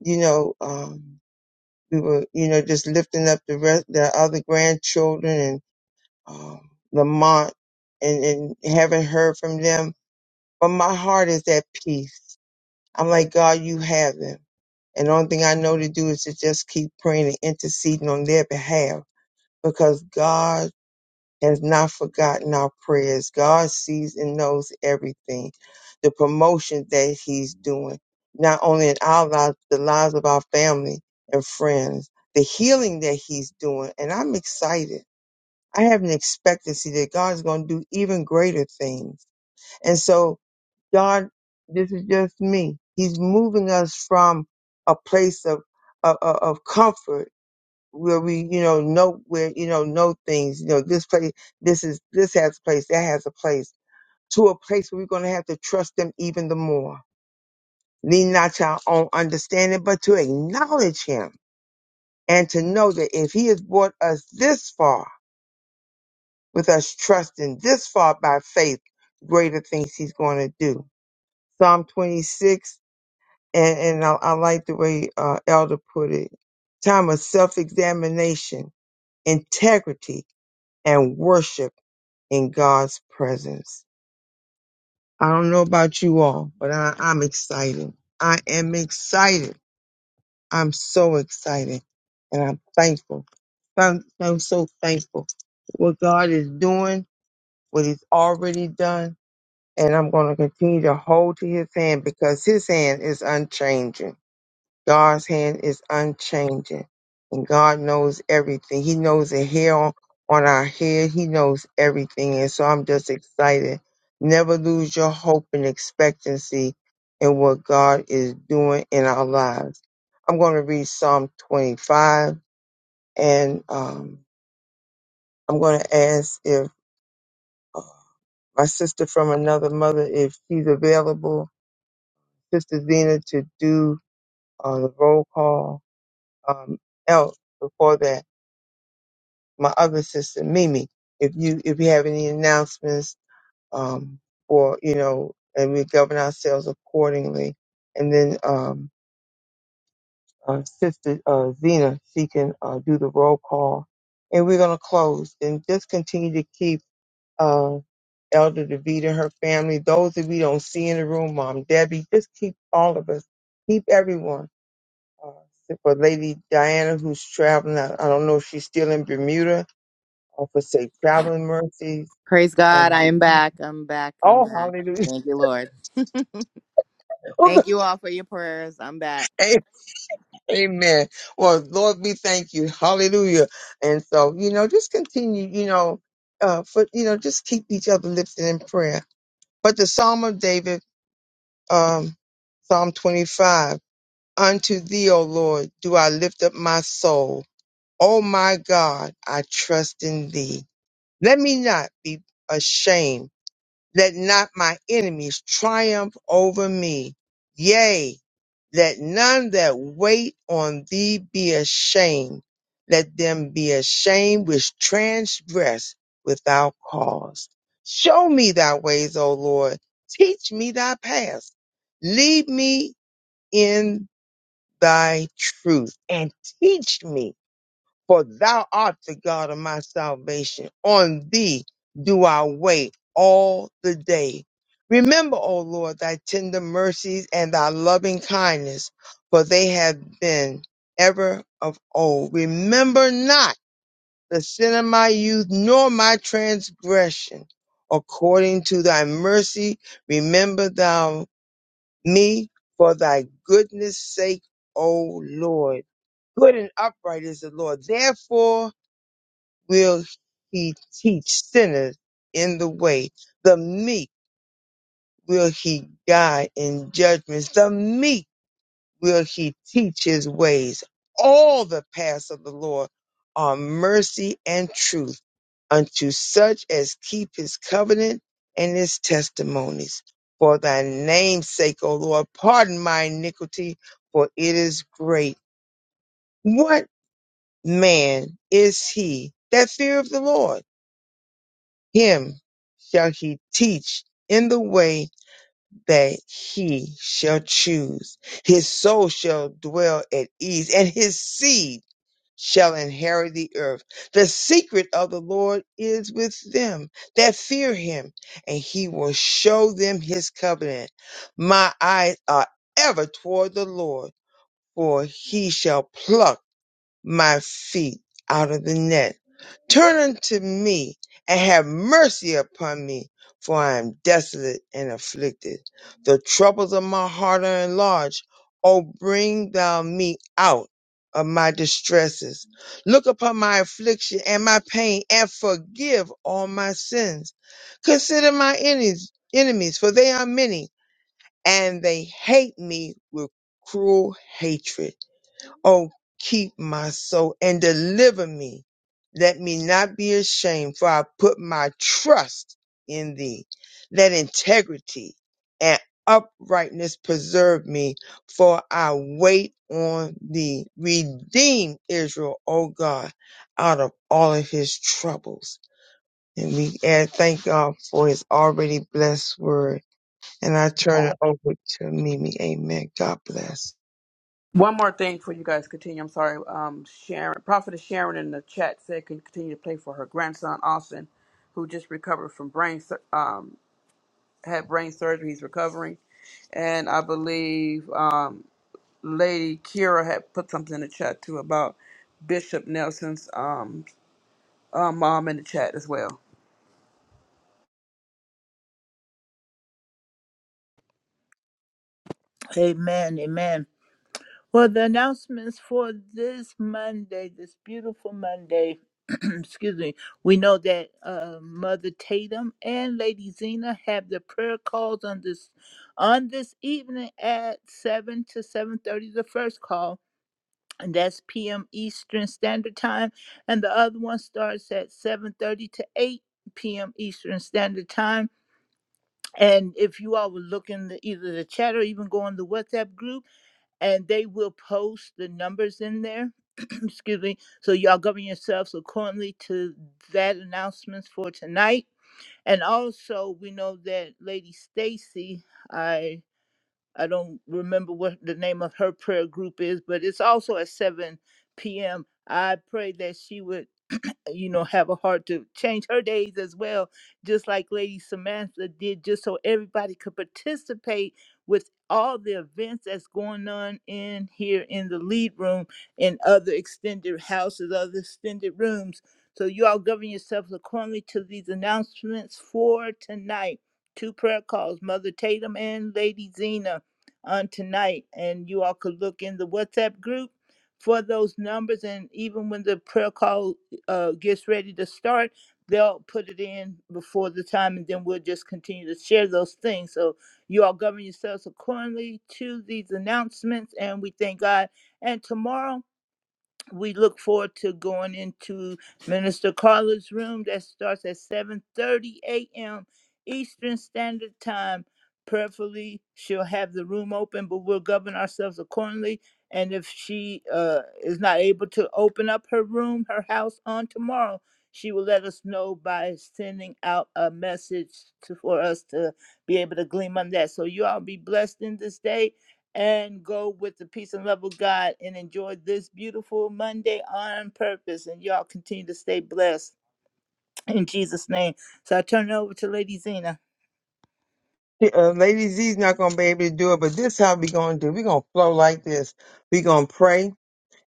you know, um, we were, you know, just lifting up the rest, the other grandchildren um, Lamont and, and haven't heard from them. But my heart is at peace. I'm like, God, you have them. And the only thing I know to do is to just keep praying and interceding on their behalf because God has not forgotten our prayers. God sees and knows everything. The promotion that He's doing, not only in our lives, but the lives of our family and friends, the healing that He's doing. And I'm excited. I have an expectancy that God's going to do even greater things. And so, God, this is just me. He's moving us from a place of of, of of comfort where we, you know, know where you know know things. You know, this place, this is this has a place, that has a place, to a place where we're going to have to trust Him even the more. Lean not to our own understanding, but to acknowledge Him and to know that if He has brought us this far with us trusting this far by faith, greater things he's going to do. Psalm 26, and, and I, I like the way uh, Elder put it time of self examination, integrity, and worship in God's presence. I don't know about you all, but I, I'm excited. I am excited. I'm so excited and I'm thankful. I'm, I'm so thankful what God is doing, what He's already done, and I'm going to continue to hold to his hand because his hand is unchanging. God's hand is unchanging. And God knows everything. He knows the hair on, on our head. He knows everything. And so I'm just excited. Never lose your hope and expectancy in what God is doing in our lives. I'm going to read Psalm 25 and um, I'm going to ask if uh, my sister from another mother, if she's available Sister Zena to do uh, the roll call um, else before that. My other sister, Mimi, if you if you have any announcements um, or you know, and we govern ourselves accordingly. And then um, uh, Sister uh, Zena, she can uh, do the roll call, and we're gonna close and just continue to keep. Uh, Elder DeVita and her family, those that we don't see in the room, Mom, Debbie, just keep all of us, keep everyone. uh, for Lady Diana who's traveling. I, I don't know if she's still in Bermuda or for safe traveling mercies.
Praise God. I
Um,
am back. I'm back. I'm
oh,
back.
hallelujah.
Thank you, Lord. Thank
Okay,
you all for your prayers. I'm back.
Amen. Well, Lord, we thank you. Hallelujah. And so, you know, just continue, you know, uh, for, you know, just keep each other lifted in prayer. But the Psalm of David, um, Psalm 25, unto thee, O Lord, do I lift up my soul. O my God, I trust in thee. Let me not be ashamed. Let not my enemies triumph over me. Yea, let none that wait on thee be ashamed. Let them be ashamed which transgress without cause. Show me thy ways, O Lord. Teach me thy paths. Lead me in thy truth and teach me for thou art the God of my salvation. On thee do I wait all the day. Remember, O Lord, thy tender mercies and thy loving kindness, for they have been ever of old. Remember not the sin of my youth, nor my transgression. According to thy mercy, remember thou me for thy goodness sake, O Lord good and upright is the Lord. Therefore will he teach sinners in the way. The meek will he guide in judgments. The meek will he teach his ways. All the paths of the Lord are mercy and truth unto such as keep his covenant and his testimonies. For thy name's sake, O Lord, pardon my iniquity, for it is great. What man is he that fear the Lord? Him shall he teach in the way that he shall choose. His soul shall dwell at ease, and his seed shall inherit the earth. The secret of the Lord is with them that fear him, and he will show them his covenant. My eyes are ever toward the Lord, for he shall pluck my feet out of the net. Turn unto me and have mercy upon me, for I am desolate and afflicted. The troubles of my heart are enlarged. O bring thou me out of my distresses. Look upon my affliction and my pain and forgive all my sins. Consider my enemies, enemies, for they are many and they hate me with cruel hatred. Oh, keep my soul and deliver me. Let me not be ashamed, for I put my trust in thee. Let integrity and uprightness preserve me, for I wait on thee. Redeem Israel, O God, out of all of his troubles. And we add, thank God for his already blessed word. And I turn it over to Mimi. Amen. God bless.
One more thing before you guys continue. I'm sorry. Um, Sharon, Prophetess Sharon in the chat said can continue to play for her grandson Austin, who just recovered from brain sur- um had brain surgery. He's recovering, and I believe uh, Lady Kira had put something in the chat too about Bishop Nelson's um uh, mom in the chat as well.
Amen. Amen. Well, the announcements for this Monday, this beautiful Monday, excuse me, we know that uh, Mother Tatum and Lady Zena have the prayer calls on this on this evening at seven to seven thirty. The first call, and that's p.m. Eastern Standard Time, and the other one starts at seven thirty to eight p.m. Eastern Standard Time. And if you all were looking, in either the chat or even go in the WhatsApp group and they will post the numbers in there. Excuse me. So y'all govern yourselves accordingly to that announcements for tonight. And also, we know that Lady Stacy, I I don't remember what the name of her prayer group is, but it's also at 7 p.m. I pray that she would you know, have a heart to change her days as well, just like Lady Samantha did, just so everybody could participate with all the events that's going on in here in the lead room and other extended houses, other extended rooms. So you all govern yourselves accordingly to these announcements for tonight. Two prayer calls, Mother Tatum and Lady Zena on tonight. And you all could look in the WhatsApp group for those numbers. And even when the prayer call uh, gets ready to start, they'll put it in before the time, and then we'll just continue to share those things. So you all govern yourselves accordingly to these announcements, and we thank God. And tomorrow we look forward to going into Minister Carla's room that starts at 7:30 a.m. Eastern Standard Time. Prayerfully, she'll have the room open, but we'll govern ourselves accordingly. And if she uh, is not able to open up her room, her house on tomorrow, she will let us know by sending out a message to, for us to be able to glean on that. So you all be blessed in this day and go with the peace and love of God and enjoy this beautiful Monday on purpose. And y'all continue to stay blessed in Jesus' name. So I turn it over to Lady Zena.
Uh, Lady Z's not gonna be able to do it, but this how we gonna do. We're gonna flow like this. we gonna pray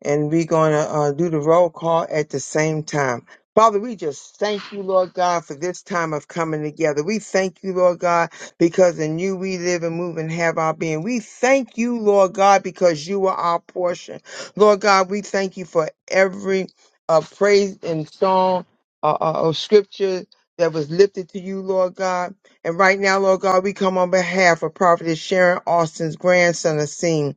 and we're going to uh, do the roll call at the same time. Father, we just thank you, Lord God, for this time of coming together. We thank you, Lord God, because in you we live and move and have our being. We thank you, Lord God, because you are our portion. Lord God, we thank you for every uh, praise and song uh, uh, or scripture that was lifted to you, Lord God. And right now, Lord God, we come on behalf of Prophetess Sharon Austin's grandson, Asim.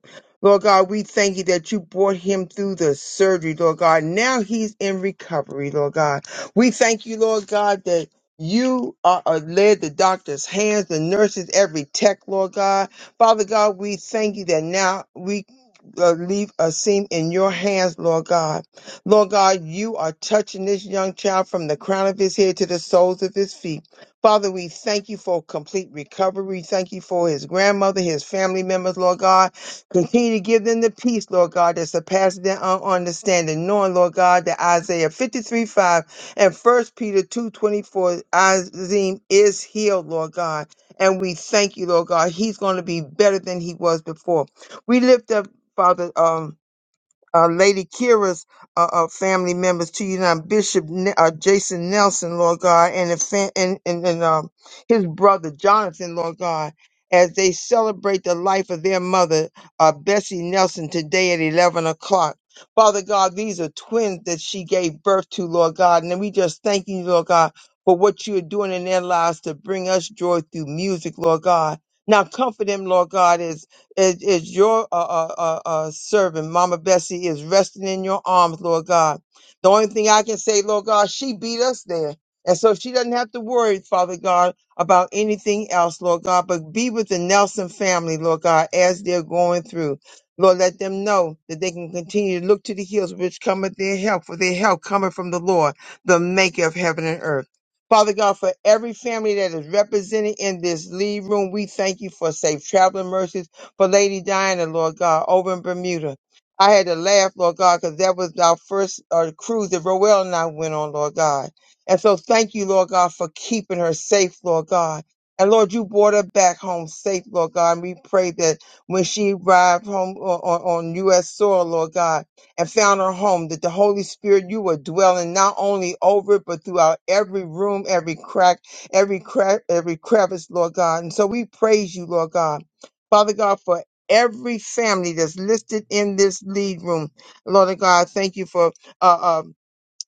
Lord God, we thank you that you brought him through the surgery, Lord God. Now he's in recovery, Lord God. We thank you, Lord God, that you are uh, led the doctor's hands, the nurses, every tech, Lord God. Father God, we thank you that now we uh, leave a seam in your hands, Lord God. Lord God, you are touching this young child from the crown of his head to the soles of his feet. Father, we thank you for complete recovery. Thank you for his grandmother, his family members, Lord God. Continue to give them the peace, Lord God, that surpasses their own understanding, knowing, Lord God, that Isaiah 53 5 and First Peter two twenty four, 24, Azim is healed, Lord God. And we thank you, Lord God. He's going to be better than he was before. We lift up, Father. Um, uh, Lady Kira's uh, uh, family members to you now, Bishop Ne- uh, Jason Nelson, Lord God, and the fa- and and, and um, his brother Jonathan, Lord God, as they celebrate the life of their mother, uh, Bessie Nelson, today at eleven o'clock. Father God, these are twins that she gave birth to, Lord God, and we just thank you, Lord God, for what you are doing in their lives to bring us joy through music, Lord God. Now comfort them, Lord God, is as your uh, uh, uh, uh, servant, Mama Bessie, is resting in your arms, Lord God. The only thing I can say, Lord God, she beat us there. And so she doesn't have to worry, Father God, about anything else, Lord God, but be with the Nelson family, Lord God, as they're going through. Lord, let them know that they can continue to look to the hills which cometh their help, for their help coming from the Lord, the maker of heaven and earth. Father God, for every family that is represented in this lead room, we thank you for safe traveling mercies for Lady Diana, Lord God, over in Bermuda. I had to laugh, Lord God, because that was our first uh, cruise that Roel and I went on, Lord God. And so thank you, Lord God, for keeping her safe, Lord God. And Lord, you brought her back home safe, Lord God. And we pray that when she arrived home on, on, on U.S. soil, Lord God, and found her home, that the Holy Spirit, you were dwelling not only over it, but throughout every room, every crack, every crack, every crevice, Lord God. And so we praise you, Lord God. Father God, for every family that's listed in this lead room. Lord of God, thank you for uh, um,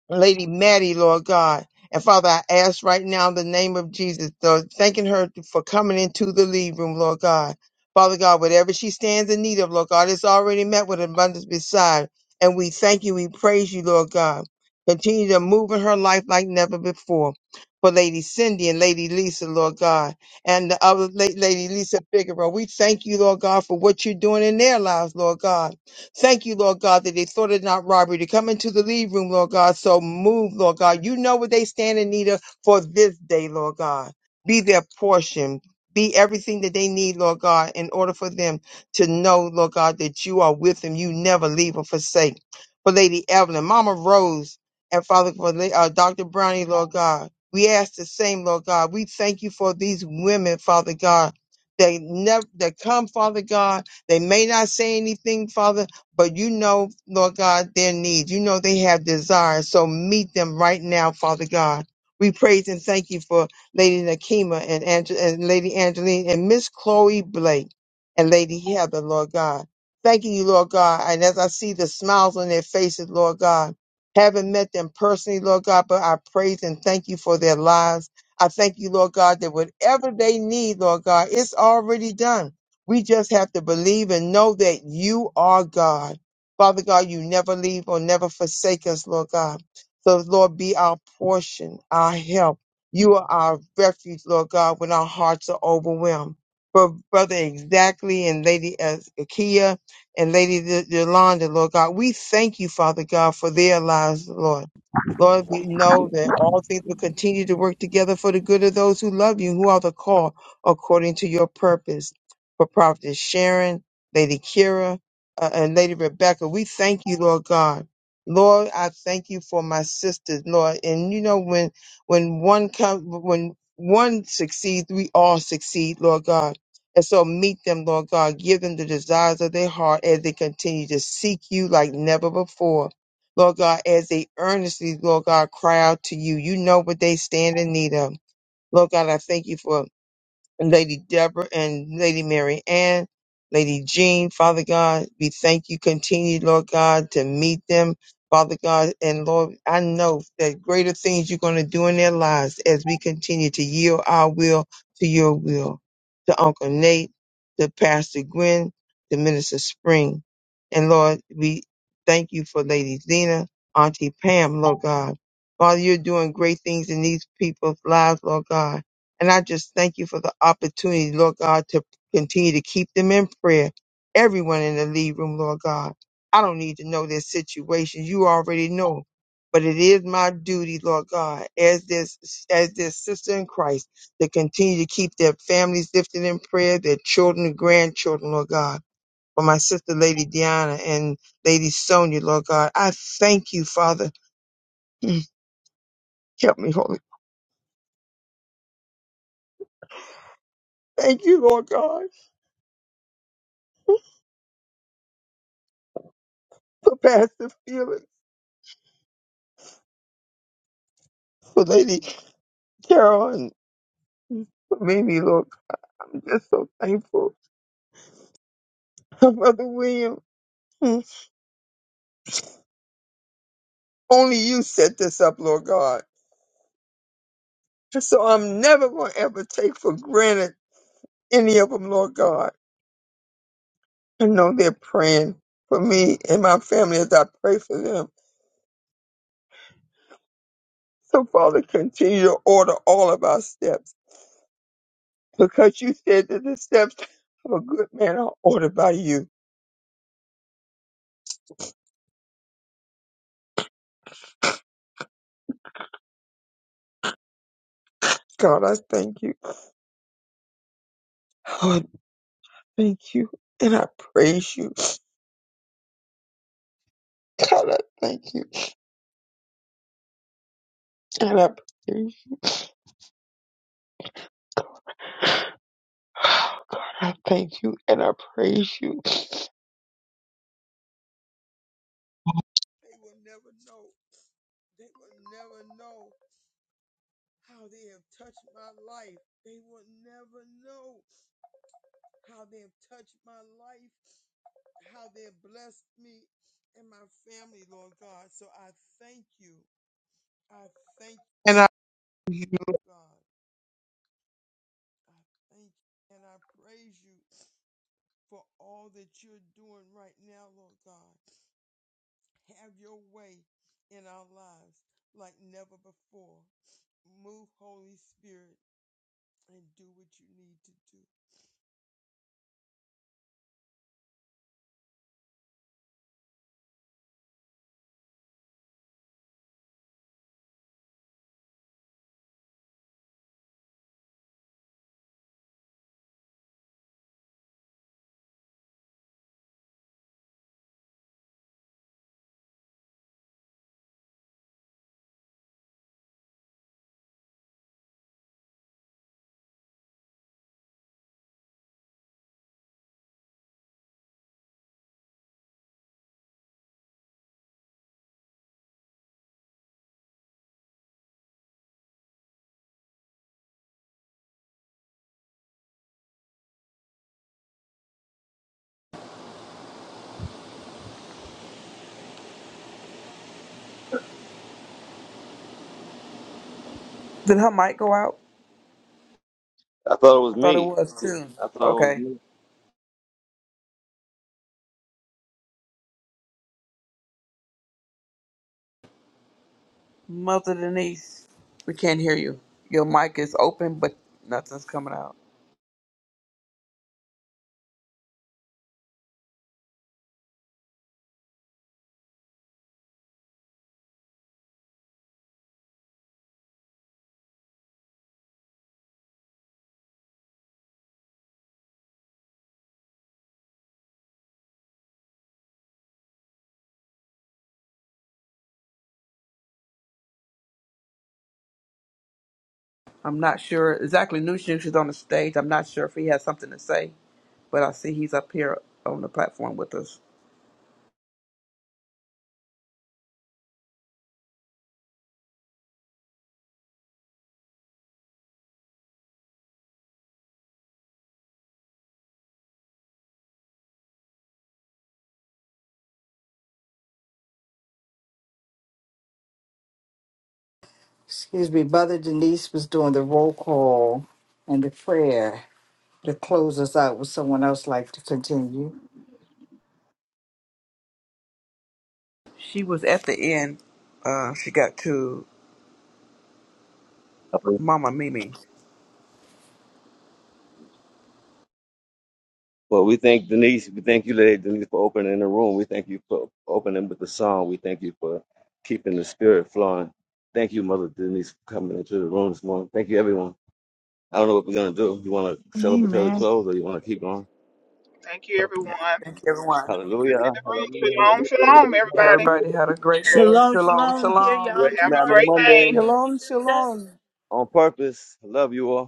Lady Maddie, Lord God. And Father, I ask right now in the name of Jesus, Lord, thanking her for coming into the lead room, Lord God. Father God, whatever she stands in need of, Lord God, it's already met with abundance beside. And we thank you, we praise you, Lord God. Continue to move in her life like never before. For Lady Cindy and Lady Lisa, Lord God, and the other La- Lady Lisa Figueroa, we thank you, Lord God, for what you're doing in their lives, Lord God. Thank you, Lord God, that they thought it not robbery to come into the lead room, Lord God. So move, Lord God. You know what they stand in need of for this day, Lord God. Be their portion. Be everything that they need, Lord God, in order for them to know, Lord God, that you are with them. You never leave or forsake. For Lady Evelyn, Mama Rose, and Father, for La- uh, Dr. Brownie, Lord God, we ask the same, Lord God. We thank you for these women, Father God. They never, they come, Father God. They may not say anything, Father, but you know, Lord God, their needs. You know they have desires. So meet them right now, Father God. We praise and thank you for Lady Nakima and, Ange- and Lady Angeline and Miss Chloe Blake and Lady Heather, Lord God. Thanking you, Lord God. And as I see the smiles on their faces, Lord God, haven't met them personally, Lord God, but I praise and thank you for their lives. I thank you, Lord God, that whatever they need, Lord God, it's already done. We just have to believe and know that you are God. Father God, you never leave or never forsake us, Lord God. So, Lord, be our portion, our help. You are our refuge, Lord God, when our hearts are overwhelmed. For Brother Exactly and Lady uh, Akia and Lady Y- Yolanda, Lord God, we thank you, Father God, for their lives, Lord. Lord, we know that all things will continue to work together for the good of those who love you, who are the called according to your purpose for Prophetess Sharon, Lady Kira, uh, and Lady Rebecca. We thank you, Lord God. Lord, I thank you for my sisters, Lord. And you know, when when one comes, when one succeeds, we all succeed, Lord God. And so meet them, Lord God. Give them the desires of their heart as they continue to seek you like never before. Lord God, as they earnestly, Lord God, cry out to you. You know what they stand in need of. Lord God, I thank you for Lady Deborah and Lady Mary Ann, Lady Jean, Father God, we thank you. Continue, Lord God, to meet them, Father God. And Lord, I know that greater things you're going to do in their lives as we continue to yield our will to your will. To Uncle Nate, to Pastor Gwen, to Minister Spring. And Lord, we thank you for Lady Zena, Auntie Pam, Lord God. Father, you're doing great things in these people's lives, Lord God. And I just thank you for the opportunity, Lord God, to continue to keep them in prayer. Everyone in the lead room, Lord God. I don't need to know their situation. You already know. But it is my duty, Lord God, as this as their sister in Christ, to continue to keep their families lifted in prayer, their children and grandchildren, Lord God. For my sister Lady Diana and Lady Sonia, Lord God. I thank you, Father. Mm, Help me, Holy. Thank you, Lord God, for Pastor Felix, for Lady Carol and what made me look. I'm just so thankful. Brother William, Hmm. only you set this up, Lord God. So I'm never going to ever take for granted any of them, Lord God. I know they're praying for me and my family as I pray for them. So, Father, continue to order all of our steps because you said that the steps of a good man are ordered by you. God, I thank you. God, I thank you. And I praise you. God, I thank you. And I praise you. oh God, I thank you and I praise you. They will never know. They will never know how they have touched my life. They will never know how they have touched my life, how they have blessed me and my family, Lord God. So I thank you. I thank you. And I praise you, Lord God. I thank you and I praise you for all that you're doing right now, Lord God. Have your way in our lives like never before. Move, Holy Spirit, and do what you need to do.
Did her mic go out?
I thought it was
I thought it
me.
was too.
I thought it was
Okay,
me.
Mother Denise, we can't hear you. Your mic is open, but nothing's coming out. I'm not sure exactly. Nushin is on the stage. I'm not sure if he has something to say, but I see he's up here on the platform with us.
Excuse me. Mother Denise was doing the roll call and the prayer to close us out. Would someone else like to continue?
She was at the end. Uh, she got to
Okay.
Mama Mimi.
Well, we thank Denise. We thank you, Lady Denise, for opening the room. We thank you for opening with the song. We thank you for keeping the spirit flowing. Thank you, Mother Denise, for coming into the room this morning. Thank you, everyone. I don't know what we're going to do. You want to celebratory
Amen.
close or you want to keep going?
Thank you, everyone.
Thank you, everyone.
Family
Hallelujah.
in the
Hallelujah.
room. Shalom,
Hallelujah.
shalom,
Hallelujah.
everybody.
Everybody
Hallelujah.
had a great day.
Shalom,
Shalom,
shalom. Here
shalom.
Great
y'all
Have a
man
tomorrow
of
at
great
5
day.
Monday.
a.m.
Shalom,
Eastern Standard
shalom.
On purpose. Love you all.